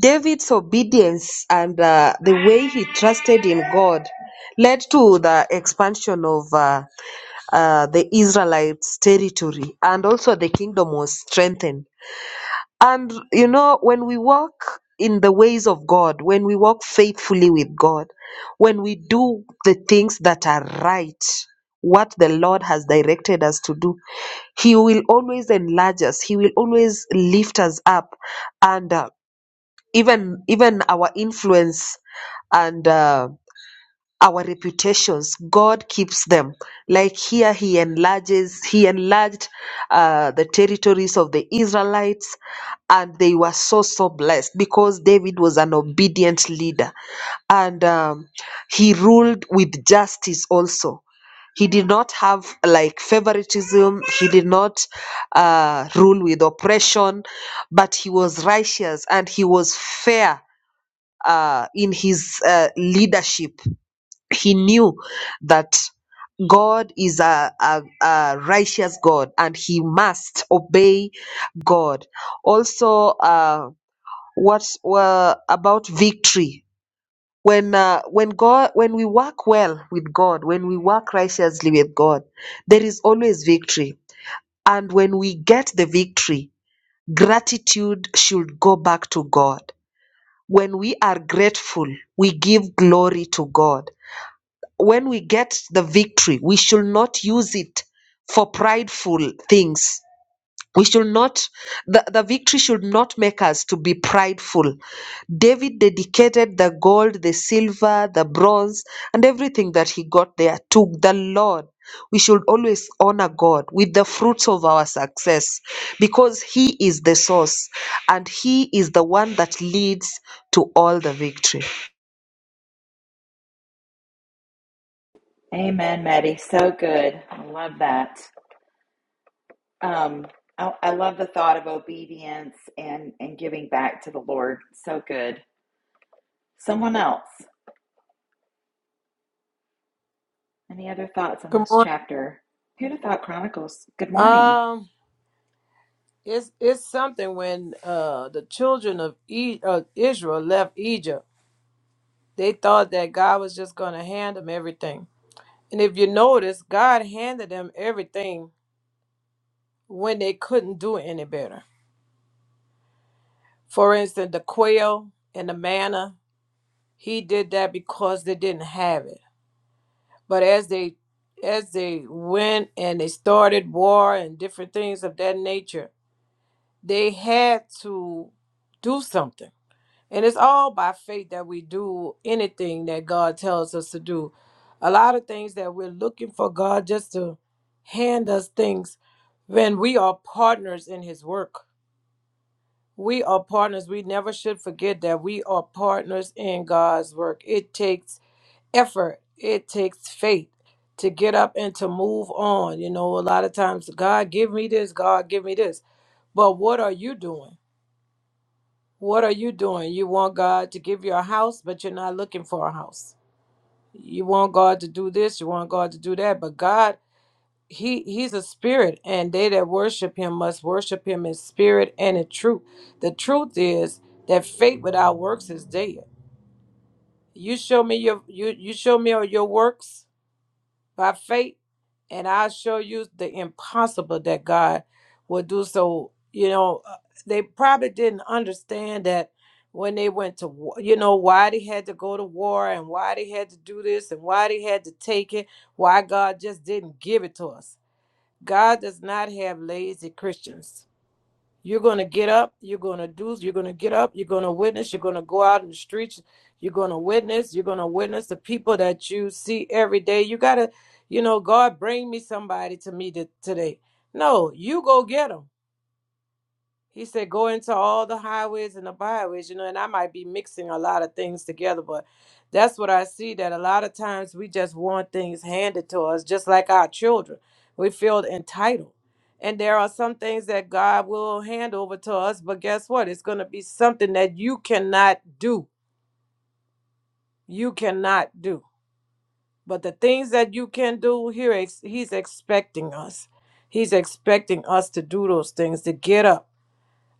F: David's obedience and uh, the way he trusted in God led to the expansion of uh, uh, the Israelites' territory, and also the kingdom was strengthened. And you know, when we walk in the ways of God, when we walk faithfully with God, when we do the things that are right, what the Lord has directed us to do, He will always enlarge us. He will always lift us up, and uh, even even our influence and. Uh, our reputations. God keeps them. Like here, He enlarges, He enlarged uh, the territories of the Israelites, and they were so, so blessed because David was an obedient leader and um, he ruled with justice also. He did not have like favoritism. He did not uh, rule with oppression, but he was righteous and he was fair uh, in his uh, leadership he knew that God is a, a, a righteous God and he must obey God. Also, uh, what's uh, about victory? When uh, when God when we work well with God, when we work righteously with God, there is always victory. And when we get the victory, gratitude should go back to God. When we are grateful, we give glory to God when we get the victory, we should not use it for prideful things. We should not, the, the victory should not make us to be prideful. David dedicated the gold, the silver, the bronze, and everything that he got there to the Lord. We should always honor God with the fruits of our success because He is the source and He is the one that leads to all the victory.
A: Amen, Maddie. So good. I love that. Um, I, I love the thought of obedience and and giving back to the Lord. So good. Someone else. Any other thoughts on
I: Good
A: this
I: morning.
A: chapter? Who'd have thought Chronicles? Good morning.
I: Um, it's it's something when uh the children of e- uh, Israel left Egypt, they thought that God was just going to hand them everything. And if you notice, God handed them everything when they couldn't do any better. For instance, the quail and the manna, He did that because they didn't have it. But as they as they went and they started war and different things of that nature, they had to do something And it's all by faith that we do anything that God tells us to do. A lot of things that we're looking for God just to hand us things when we are partners in His work. We are partners. We never should forget that we are partners in God's work. It takes effort, it takes faith to get up and to move on. You know, a lot of times, God, give me this, God, give me this. But what are you doing? What are you doing? You want God to give you a house, but you're not looking for a house. You want God to do this, you want God to do that, but God, he he's a spirit and they that worship him must worship him in spirit and in truth. The truth is that faith without works is dead. You show me your you you show me your works by faith, and I show you the impossible that God will do. So, you know, uh, they probably didn't understand that when they went to war, you know, why they had to go to war and why they had to do this and why they had to take it, why God just didn't give it to us. God does not have lazy Christians. You're going to get up. You're going to do. You're going to get up. You're going to witness. You're going to go out in the streets. You're going to witness. You're going to witness the people that you see every day. You got to, you know, God, bring me somebody to me to, today. No, you go get them. He said, go into all the highways and the byways, you know, and I might be mixing a lot of things together, but that's what I see that a lot of times we just want things handed to us, just like our children. We feel entitled. And there are some things that God will hand over to us, but guess what? It's going to be something that you cannot do. You cannot do. But the things that you can do, here, He's expecting us. He's expecting us to do those things, to get up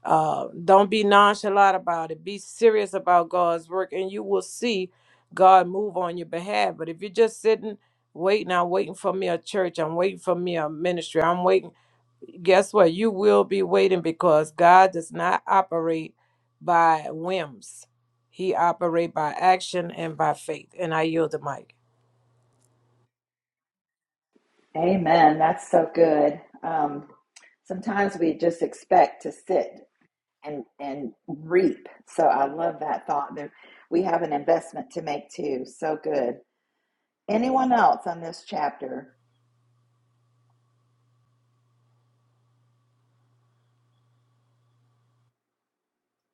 I: uh, don't be nonchalant about it. Be serious about God's work, and you will see God move on your behalf. But if you're just sitting, waiting, I'm waiting for me a church, I'm waiting for me a ministry, I'm waiting, guess what? You will be waiting because God does not operate by whims, He operates by action and by faith. And I yield the mic.
A: Amen. That's so good. Um, sometimes we just expect to sit and and reap. So I love that thought. There, we have an investment to make too. So good. Anyone else on this chapter?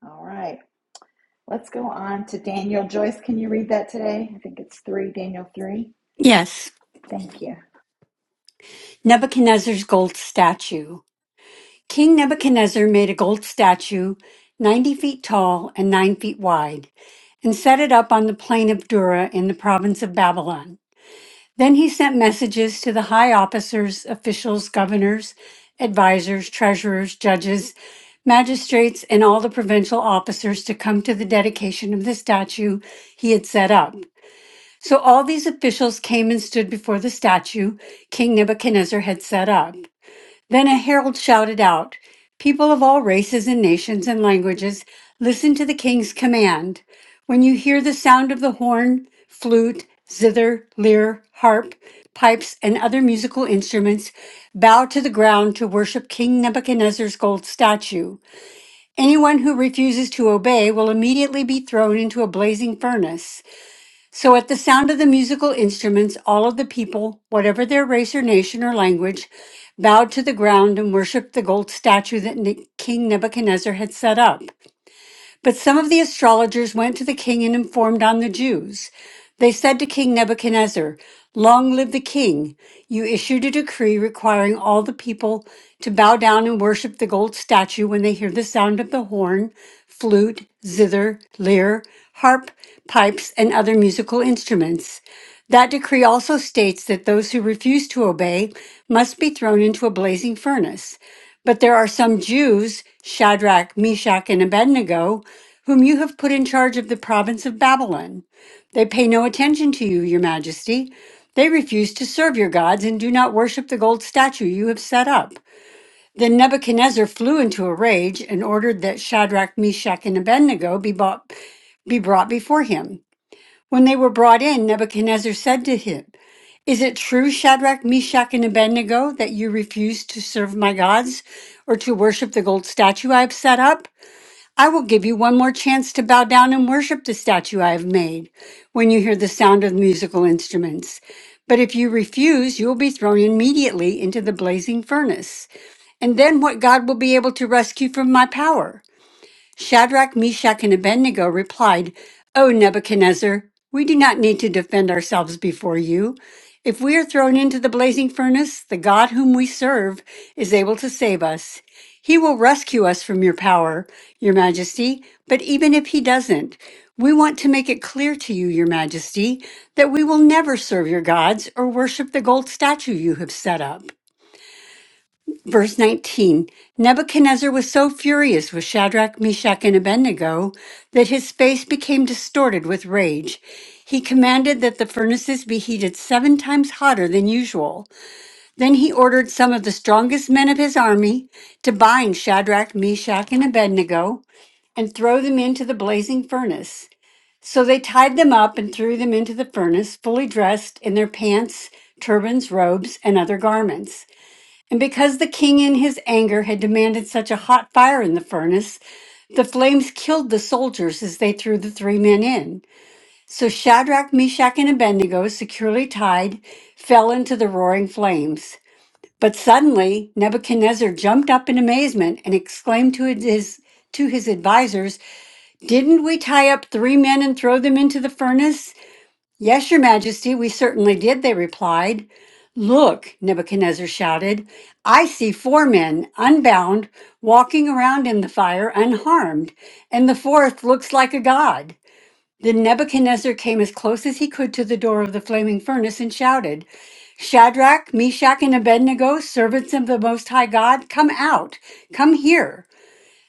A: All right. Let's go on to Daniel. Joyce, can you read that today? I think it's three, Daniel three.
J: Yes,
A: Thank you.
J: Nebuchadnezzar's gold statue. King Nebuchadnezzar made a gold statue 90 feet tall and 9 feet wide and set it up on the plain of Dura in the province of Babylon. Then he sent messages to the high officers, officials, governors, advisors, treasurers, judges, magistrates, and all the provincial officers to come to the dedication of the statue he had set up. So all these officials came and stood before the statue King Nebuchadnezzar had set up. Then a herald shouted out, People of all races and nations and languages, listen to the king's command. When you hear the sound of the horn, flute, zither, lyre, harp, pipes, and other musical instruments, bow to the ground to worship King Nebuchadnezzar's gold statue. Anyone who refuses to obey will immediately be thrown into a blazing furnace. So at the sound of the musical instruments, all of the people, whatever their race or nation or language, bowed to the ground and worshiped the gold statue that Ne- King Nebuchadnezzar had set up. But some of the astrologers went to the king and informed on the Jews. They said to King Nebuchadnezzar, Long live the king! You issued a decree requiring all the people to bow down and worship the gold statue when they hear the sound of the horn, flute, zither, lyre, harp, pipes, and other musical instruments. That decree also states that those who refuse to obey must be thrown into a blazing furnace. But there are some Jews, Shadrach, Meshach, and Abednego, whom you have put in charge of the province of Babylon. They pay no attention to you, your majesty. They refuse to serve your gods and do not worship the gold statue you have set up. Then Nebuchadnezzar flew into a rage and ordered that Shadrach, Meshach, and Abednego be, bought, be brought before him. When they were brought in, Nebuchadnezzar said to him, is it true, Shadrach, Meshach, and Abednego, that you refuse to serve my gods or to worship the gold statue I have set up? I will give you one more chance to bow down and worship the statue I have made when you hear the sound of musical instruments. But if you refuse, you will be thrown immediately into the blazing furnace. And then what God will be able to rescue from my power? Shadrach, Meshach, and Abednego replied, O Nebuchadnezzar, we do not need to defend ourselves before you. If we are thrown into the blazing furnace, the God whom we serve is able to save us. He will rescue us from your power, your majesty. But even if he doesn't, we want to make it clear to you, your majesty, that we will never serve your gods or worship the gold statue you have set up. Verse 19 Nebuchadnezzar was so furious with Shadrach, Meshach, and Abednego that his face became distorted with rage. He commanded that the furnaces be heated seven times hotter than usual. Then he ordered some of the strongest men of his army to bind Shadrach, Meshach, and Abednego and throw them into the blazing furnace. So they tied them up and threw them into the furnace, fully dressed in their pants, turbans, robes, and other garments. And because the king in his anger had demanded such a hot fire in the furnace, the flames killed the soldiers as they threw the three men in. So Shadrach, Meshach, and Abednego, securely tied, fell into the roaring flames. But suddenly Nebuchadnezzar jumped up in amazement and exclaimed to his to his advisors, Didn't we tie up three men and throw them into the furnace? Yes, your majesty, we certainly did, they replied. Look, Nebuchadnezzar shouted, I see four men, unbound, walking around in the fire unharmed, and the fourth looks like a god. Then Nebuchadnezzar came as close as he could to the door of the flaming furnace and shouted, Shadrach, Meshach, and Abednego, servants of the Most High God, come out, come here.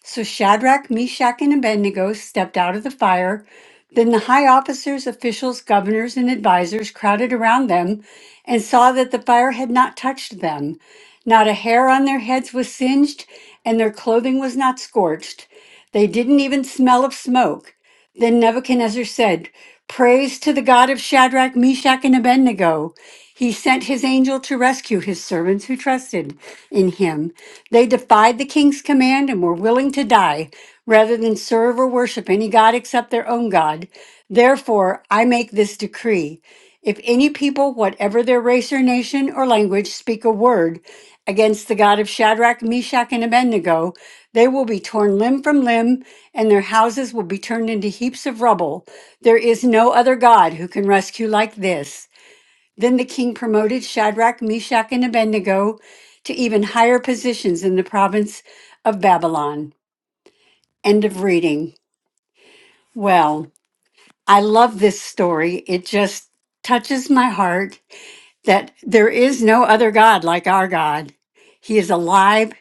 J: So Shadrach, Meshach, and Abednego stepped out of the fire. Then the high officers, officials, governors, and advisers crowded around them and saw that the fire had not touched them. Not a hair on their heads was singed, and their clothing was not scorched. They didn't even smell of smoke. Then Nebuchadnezzar said, Praise to the God of Shadrach, Meshach, and Abednego. He sent his angel to rescue his servants who trusted in him. They defied the king's command and were willing to die rather than serve or worship any god except their own God. Therefore, I make this decree. If any people, whatever their race or nation or language, speak a word against the God of Shadrach, Meshach, and Abednego, they will be torn limb from limb, and their houses will be turned into heaps of rubble. There is no other God who can rescue like this. Then the king promoted Shadrach, Meshach, and Abednego to even higher positions in the province of Babylon. End of reading. Well, I love this story. It just touches my heart that there is no other God like our God. He is alive,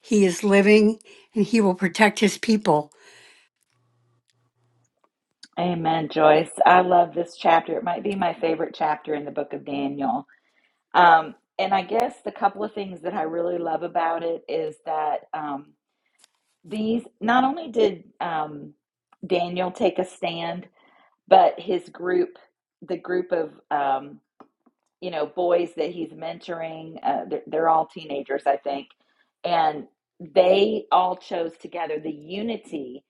J: He is living, and He will protect His people.
A: Amen, Joyce. I love this chapter. It might be my favorite chapter in the book of Daniel. Um, and I guess the couple of things that I really love about it is that um, these not only did um, Daniel take a stand, but his group, the group of um, you know boys that he's mentoring, uh, they're, they're all teenagers, I think, and they all chose together. The unity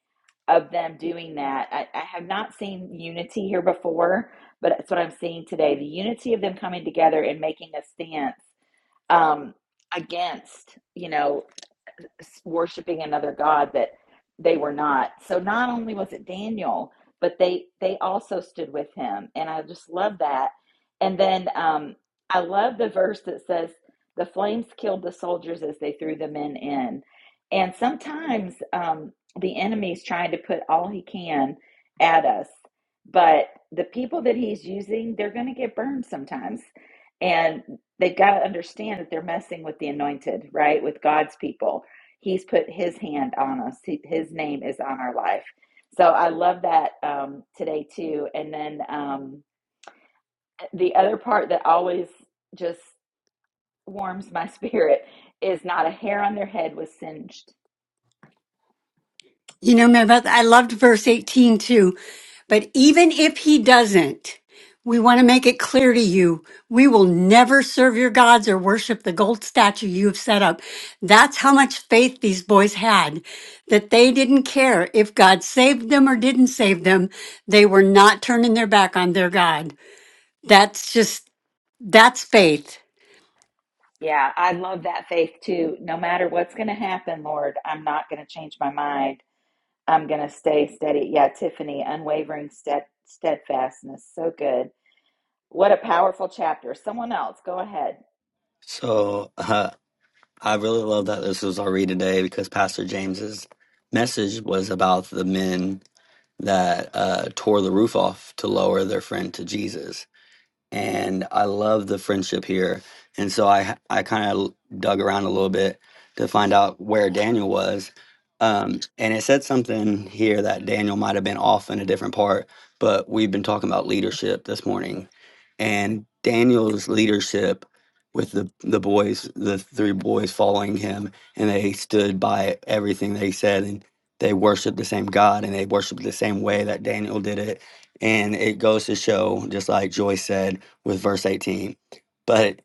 A: of them doing that, I, I have not seen unity here before, but that's what I'm seeing today. The unity of them coming together and making a stance um, against, you know, worshiping another god that they were not. So not only was it Daniel, but they they also stood with him, and I just love that. And then um, I love the verse that says, "The flames killed the soldiers as they threw the men in." And sometimes um, the enemy's trying to put all he can at us, but the people that he's using, they're going to get burned sometimes, and they've got to understand that they're messing with the anointed, right? With God's people He's put his hand on us. His name is on our life. So I love that um, today too. And then um, the other part that always just warms my spirit is not a hair on their head was singed.
J: You know, man, but I loved verse 18 too. But even if he doesn't, we want to make it clear to you, we will never serve your gods or worship the gold statue you have set up. That's how much faith these boys had that they didn't care if God saved them or didn't save them. They were not turning their back on their God. That's just, that's faith.
A: Yeah, I love that faith too. No matter what's going to happen, Lord, I'm not going to change my mind. I'm going to stay steady. Yeah, Tiffany, unwavering stead, steadfastness. So good. What a powerful chapter. Someone else, go ahead.
B: so uh, i really love that this was our read today because pastor james's message was about the men that uh, tore the roof off to lower their friend to jesus and I love the friendship here. And so I I kind of dug around a little bit to find out where Daniel was. Um, and it said something here that Daniel might have been off in a different part, but we've been talking about leadership this morning. And Daniel's leadership with the, the boys, the three boys following him, and they stood by everything they said, and they worshiped the same God, and they worshiped the same way that Daniel did it. And it goes to show, just like Joyce said, with verse 18 but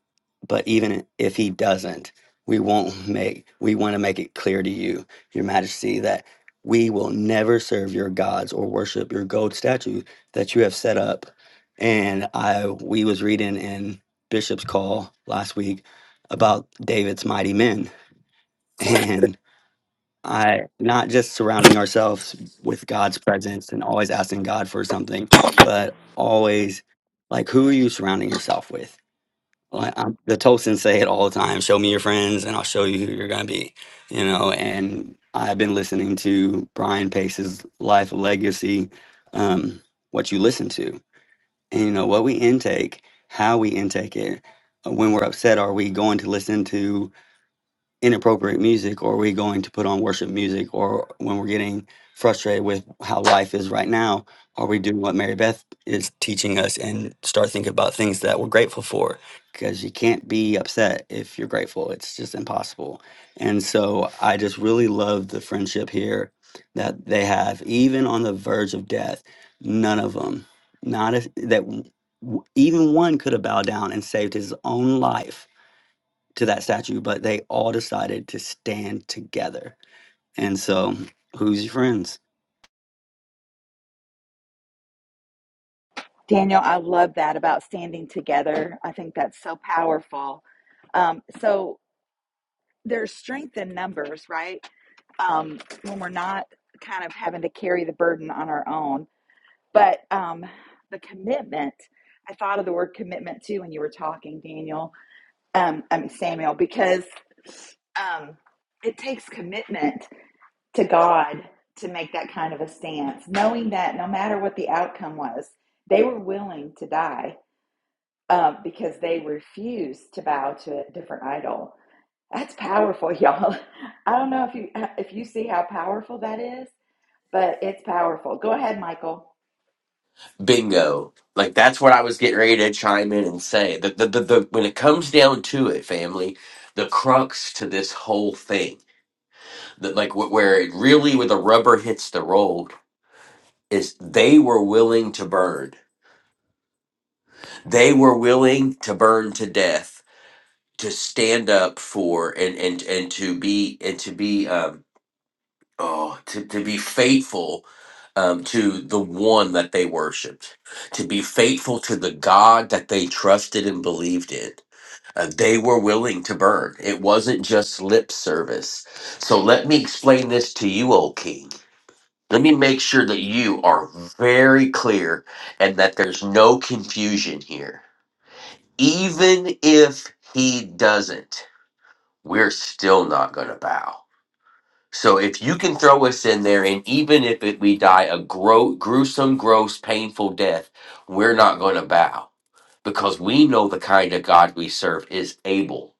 B: but even if he doesn't we won't make we want to make it clear to you your majesty that we will never serve your gods or worship your gold statue that you have set up and i we was reading in bishop's call last week about david's mighty men and i not just surrounding ourselves with god's presence and always asking god for something but always like who are you surrounding yourself with well, I, the Tolstoyans say it all the time: "Show me your friends, and I'll show you who you're gonna be." You know, and I've been listening to Brian Pace's life legacy, um, what you listen to, and you know what we intake, how we intake it. Uh, When we're upset, are we going to listen to? inappropriate music or are we going to put on worship music or when we're getting frustrated with how life is right now are we doing what mary beth is teaching us and start thinking about things that we're grateful for because you can't be upset if you're grateful it's just impossible and so i just really love the friendship here that they have even on the verge of death none of them not if that w- w- even one could have bowed down and saved his own life to that statue, but they all decided to stand together. And so, who's your friends?
A: Daniel, I love that about standing together. I think that's so powerful. Um, so there's strength in numbers, right? Um, when we're not kind of having to carry the burden on our own. But um, the commitment, I thought of the word commitment too when you were talking, Daniel, um, I mean, Samuel, because um, it takes commitment to God to make that kind of a stance, knowing that no matter what the outcome was, they were willing to die um, because they refuse to bow to a different idol. That's powerful, y'all. I don't know if you if you see how powerful that is, but it's powerful. Go ahead, Michael.
H: Bingo. Like that's what I was getting ready to chime in and say. The, the, the, the when it comes down to it, family, the crux to this whole thing, that like wh- where it really where the rubber hits the road is they were willing to burn. They were willing to burn to death to stand up for and and and to be and to be um Oh, to, to be faithful um, to the one that they worshiped, to be faithful to the God that they trusted and believed in. Uh, they were willing to burn. It wasn't just lip service. So let me explain this to you, O King. Let me make sure that you are very clear and that there's no confusion here. Even if he doesn't, we're still not going to bow so if you can throw us in there, and even if it, we die a gro- gruesome, gross, painful death, we're not going to bow because we know the kind of God we serve is able.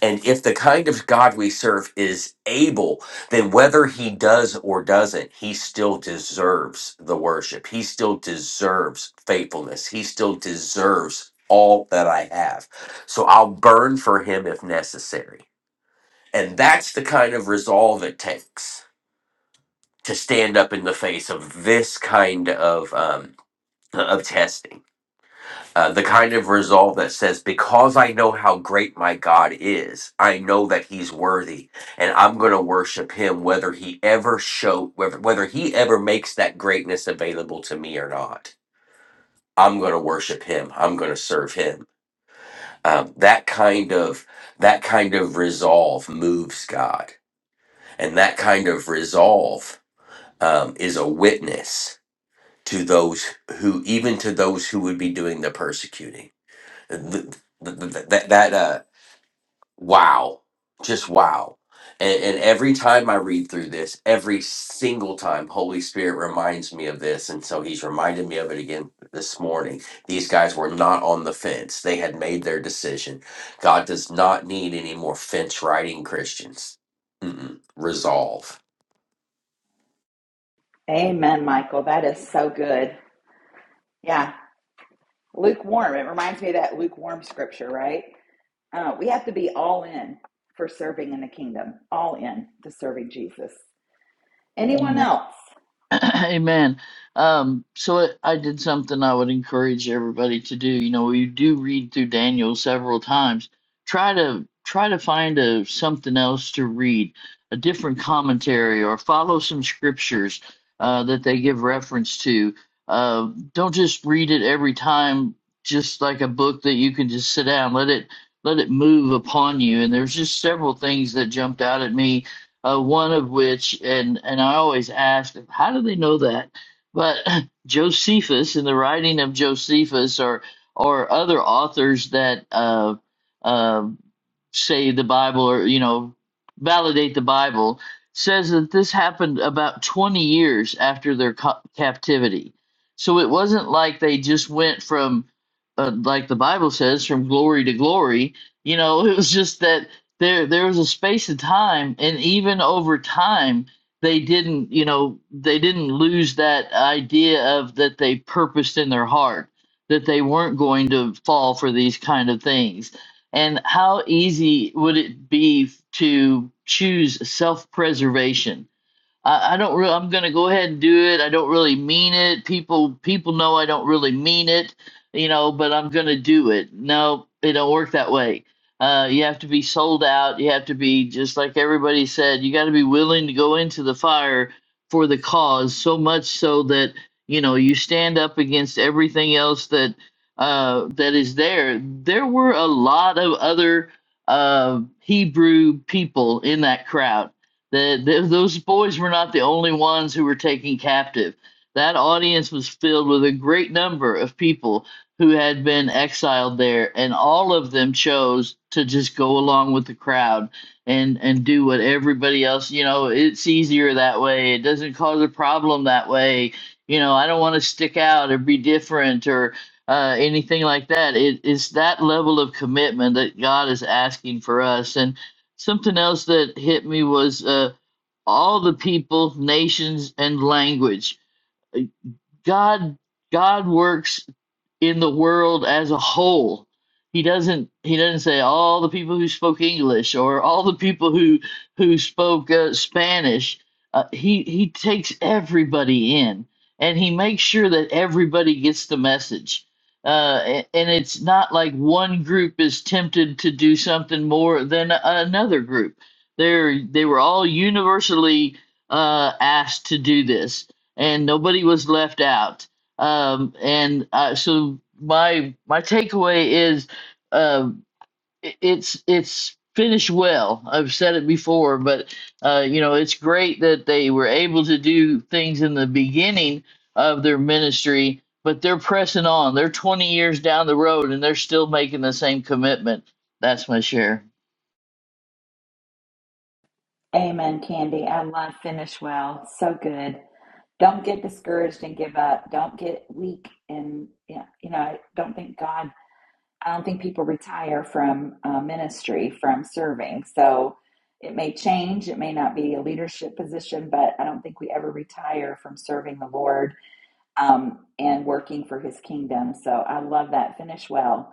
H: And if the kind of God we serve is able, then whether he does or doesn't, he still deserves the worship. He still deserves faithfulness. He still deserves all that I have. So I'll burn for him if necessary. And that's the kind of resolve it takes to stand up in the face of this kind of um, of testing, uh, the kind of resolve that says, "Because I know how great my God is, I know that He's worthy, and I'm going to worship Him, whether He ever show whether whether He ever makes that greatness available to me or not. I'm going to worship Him. I'm going to serve Him. Um, that kind of that kind of resolve moves God, and that kind of resolve um, is a witness." to those who, even to those who would be doing the persecuting. Th- th- th- That, that, uh, wow, just wow. And, and every time I read through this, every single time, Holy Spirit reminds me of this. And so he's reminded me of it again this morning. These guys were not on the fence, they had made their decision. God does not need any more fence riding Christians. Mm-mm. Resolve.
A: Amen, Michael. That is so good. Yeah, lukewarm. It reminds me of that lukewarm scripture, right? Uh, we have to be all in for serving in the kingdom, all in to serving Jesus. Anyone
D: Amen.
A: else?
D: Amen. Um, so I I did something I would encourage everybody to do. You know, we do read through Daniel several times. Try to try to find a something else to read, a different commentary, or follow some scriptures uh, that they give reference to. Uh, don't just read it every time, just like a book that you can just sit down. Let it let it move upon you. And there's just several things that jumped out at me uh, one of which, and, and I always ask, how do they know that? But Josephus, in the writing of Josephus, or or other authors that uh, uh, say the Bible, or you know, validate the Bible, says that this happened about twenty years after their co- captivity. So it wasn't like they just went from, uh, like the Bible says, from glory to glory. You know, it was just that there there was a space of time and even over time they didn't you know they didn't lose that idea of that they purposed in their heart that they weren't going to fall for these kind of things and how easy would it be to choose self-preservation I, I don't really. I'm gonna go ahead and do it. I don't really mean it. People people know I don't really mean it, you know. But I'm gonna do it. No, it don't work that way. Uh, you have to be sold out. You have to be just like everybody said. You got to be willing to go into the fire for the cause so much so that you know you stand up against everything else that uh, that is there. There were a lot of other uh, Hebrew people in that crowd that th- those boys were not the only ones who were taken captive. That audience was filled with a great number of people who had been exiled there, and all of them chose to just go along with the crowd and and do what everybody else. You know, it's easier that way. It doesn't cause a problem that way. You know, I don't want to stick out or be different or uh, anything like that. It, it's that level of commitment that God is asking for us, and something else that hit me was. Uh, all the people, nations, and language. Uh, God God works in the world as a whole. He doesn't he doesn't say all the people who spoke English or all the people who who spoke uh, Spanish. Uh, he he takes everybody in and he makes sure that everybody gets the message. Uh, a- and it's not like one group is tempted to do something more than a- another group. They're they were all universally uh, asked to do this, and nobody was left out um, and uh, so my my takeaway is um, i- it's it's finished well. I've said it before, but uh, you know it's great that they were able to do things in the beginning of their ministry, but they're pressing on. They're 20 years down the road and they're still making the same commitment. That's my share.
A: Amen, Candy. I love finish well. So good. Don't get discouraged and give up. Don't get weak and yeah, you know. I don't think God. I don't think people retire from uh, ministry from serving. So it may change. It may not be a leadership position, but I don't think we ever retire from serving the Lord um, and working for His kingdom. So I love that. Finish well.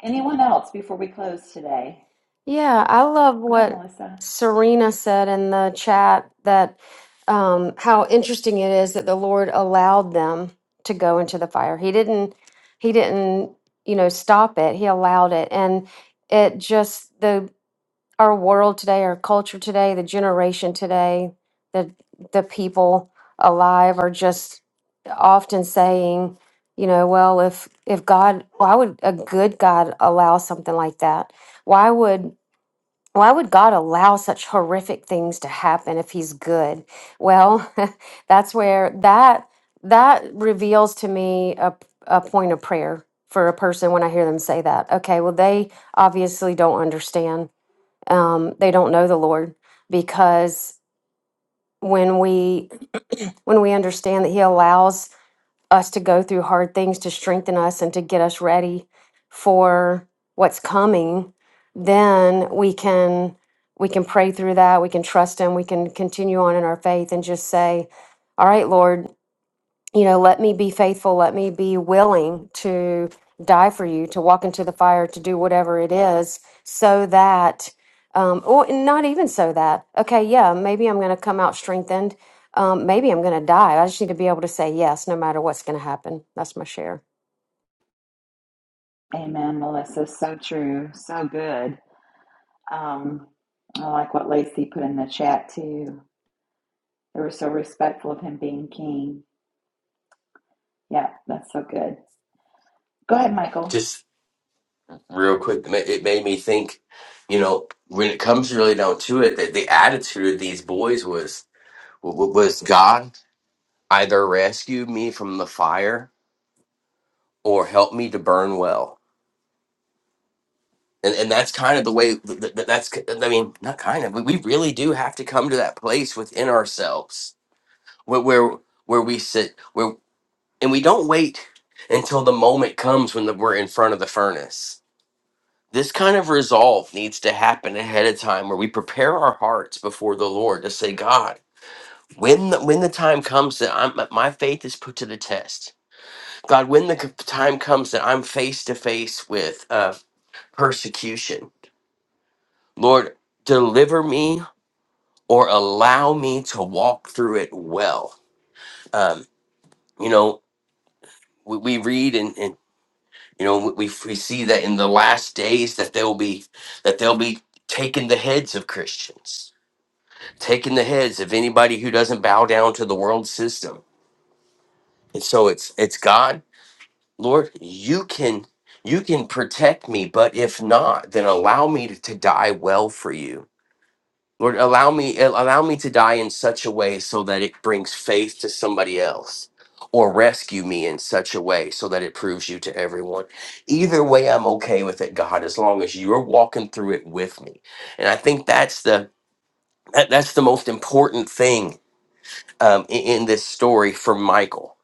A: Anyone else before we close today?
G: Yeah, I love
A: Go ahead,
G: what
A: Melissa.
G: Serena said in the chat that um, how interesting it is that the Lord allowed them to go into the fire. He didn't, he didn't, you know, stop it. He allowed it, and it just the our world today, our culture today, the generation today, the the people alive are just often saying, you know, well, if if God, why would a good God allow something like that? Why would why would God allow such horrific things to happen if he's good? Well, that's where that that reveals to me a a point of prayer for a person when I hear them say that. Okay, well they obviously don't understand um, they don't know the Lord because when we when we understand that He allows us to go through hard things to strengthen us and to get us ready for what's coming, then we can we can pray through that. We can trust Him. We can continue on in our faith and just say, "All right, Lord." you know, let me be faithful, let me be willing to die for you, to walk into the fire, to do whatever it is, so that, um, or not even so that, okay, yeah, maybe I'm going to come out strengthened. Um, maybe I'm going to die. I just need to be able to say yes, no matter what's going to happen. That's my share.
A: Amen, Melissa. So true. So good. Um, I like what Lacey put in the chat too. They were so respectful of him being king. Yeah, that's so good. Go ahead, Michael.
H: Just real quick. It ma- it made me think, you know, when it comes really down to it, that the attitude of these boys was w- w- was God either rescue me from the fire or help me to burn well. And, and that's kind of the way th- th- th- that's c- I mean not kind of we we really do have to come to that place within ourselves where where, where we sit where and we don't wait until the moment comes when the, we're in front of the furnace this kind of resolve needs to happen ahead of time where we prepare our hearts before the lord to say god when the, when the time comes that I'm, my faith is put to the test god when the c- time comes that i'm face to face with uh, persecution lord deliver me or allow me to walk through it well um, you know we, we read and, and you know we, we see that in the last days that they'll be that they'll be taking the heads of christians taking the heads of anybody who doesn't bow down to the world system. And so it's it's God, Lord, you can you can protect me, but if not, then allow me to, to die well for you. Lord, allow me allow me to die in such a way so that it brings faith to somebody else or rescue me in such a way so that it proves you to everyone. Either way I'm okay with it, God, as long as you're walking through it with me. And I think that's the that, that's the most important thing um, i- in this story for Michael.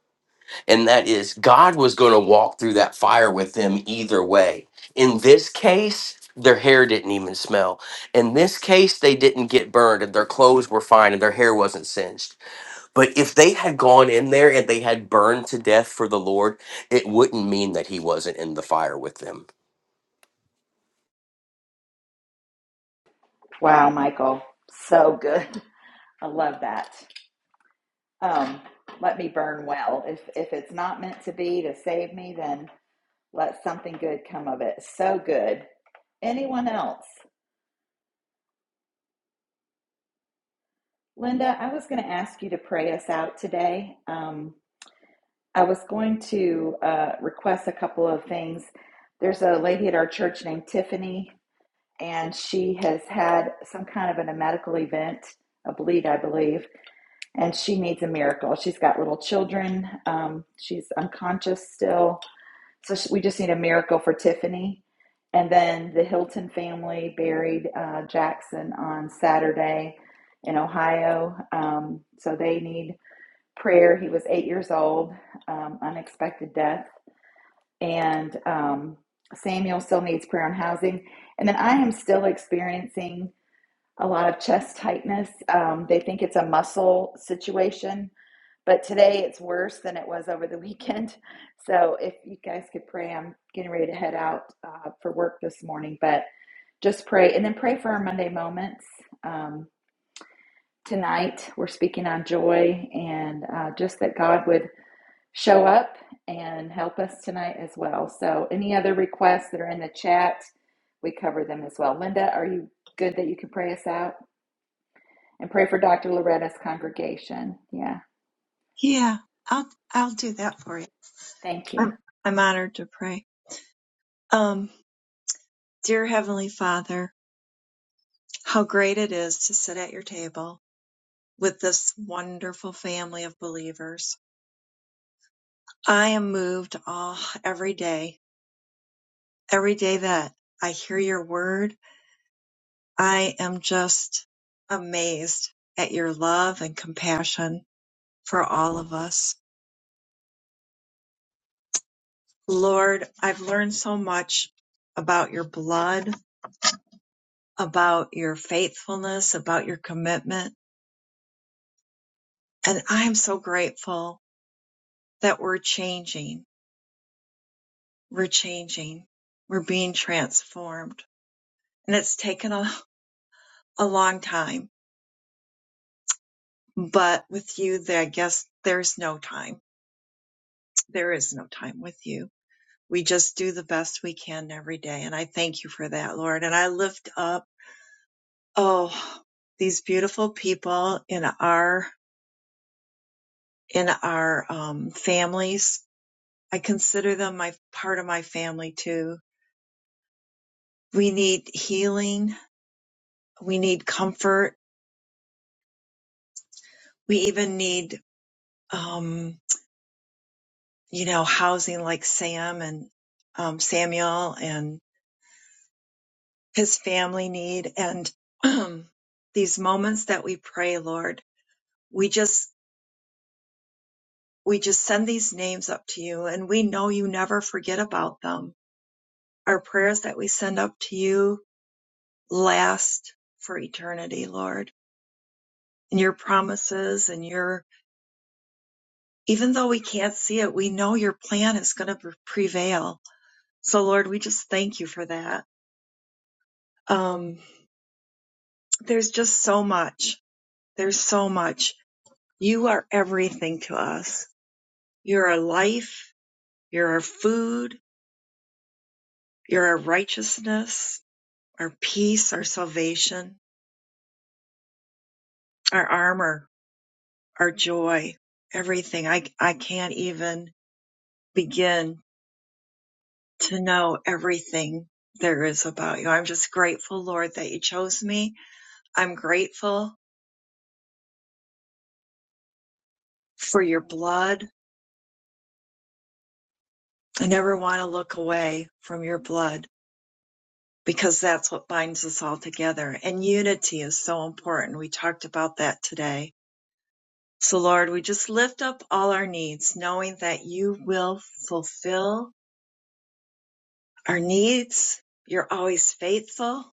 H: And that is, God was going to walk through that fire with them either way. In this case, their hair didn't even smell. In this case, they didn't get burned and their clothes were fine and their hair wasn't singed. But if they had gone in there and they had burned to death for the Lord, it wouldn't mean that He wasn't in the fire with them
A: Wow, Michael, so good. I love that. Um, let me burn well. If if it's not meant to be to save me, then let something good come of it. So good. Anyone else? Linda, I was going to ask you to pray us out today. Um, I was going to uh, request a couple of things. There's a lady at our church named Tiffany, and she has had some kind of an, a medical event, a bleed, I believe, and she needs a miracle. She's got little children. Um, she's unconscious still. So sh we just need a miracle for Tiffany. And then the Hilton family buried uh, Jackson on Saturday in Ohio. Um, so they need prayer. He was eight years old, um, unexpected death. And um, Samuel still needs prayer on housing. And then I am still experiencing a lot of chest tightness. Um, they think it's a muscle situation, but today it's worse than it was over the weekend. So if you guys could pray, I'm getting ready to head out uh, for work this morning, but just pray. And then pray for our Monday moments. Um, tonight we're speaking on joy and uh, just that God would show up and help us tonight as well. So, any other requests that are in the chat, we cover them as well. Linda, are you good that you can pray us out and pray for Dr. Loretta's congregation? Yeah,
K: Yeah, I'll I'll do that for you.
A: thank you.
K: I'm I'm honored to pray. Um, dear Heavenly Father, how great it is to sit at your table with this wonderful family of believers. I am moved all every day, every day that I hear your word. I am just amazed at your love and compassion for all of us. Lord, I've learned so much about your blood about your faithfulness, about your commitment. And I'm so grateful that we're changing. We're changing. We're being transformed. And it's taken a, a long time, but with you, there, I guess there's no time. There is no time with you. We just do the best we can every day. And I thank you for that, Lord. And I lift up, oh, these beautiful people in our, in our um, families I consider them my part of my family too. We need healing. We need comfort. We even need, um, you know, housing like Sam and um, Samuel and his family need. And these moments that we pray, Lord, we just, we just send these names up to you and we know you never forget about them. Our prayers that we send up to you last for eternity, Lord, and your promises and your even though we can't see it, we know your plan is going to prevail. So, Lord, we just thank you for that. Um, there's just so much. There's so much. You are everything to us. You're our life. You're our food. You're our righteousness, our peace, our salvation, our armor, our joy, everything. I, I can't even begin to know everything there is about you. I'm just grateful, Lord, that you chose me I'm grateful for your blood. I never want to look away from your blood because that's what binds us all together. And unity is so important. We talked about that today. So Lord, we just lift up all our needs, knowing that you will fulfill our needs. You're always faithful.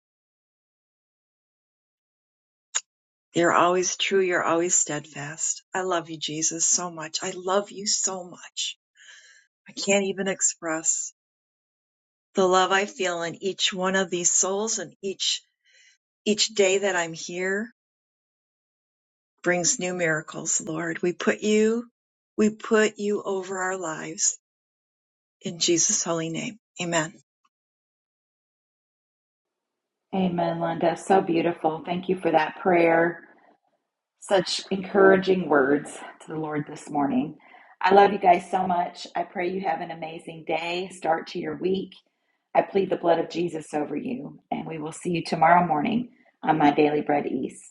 K: You're always true. You're always steadfast. I love you, Jesus, so much. I love you so much. I can't even express the love I feel in each one of these souls and each Each day that I'm here brings new miracles, Lord. We put you, we put you over our lives in Jesus' holy name. Amen.
A: Amen, Linda. So beautiful. Thank you for that prayer. Such encouraging words to the Lord this morning. I love you guys so much. I pray you have an amazing day, start to your week. I plead the blood of Jesus over you, and we will see you tomorrow morning on My Daily Bread East.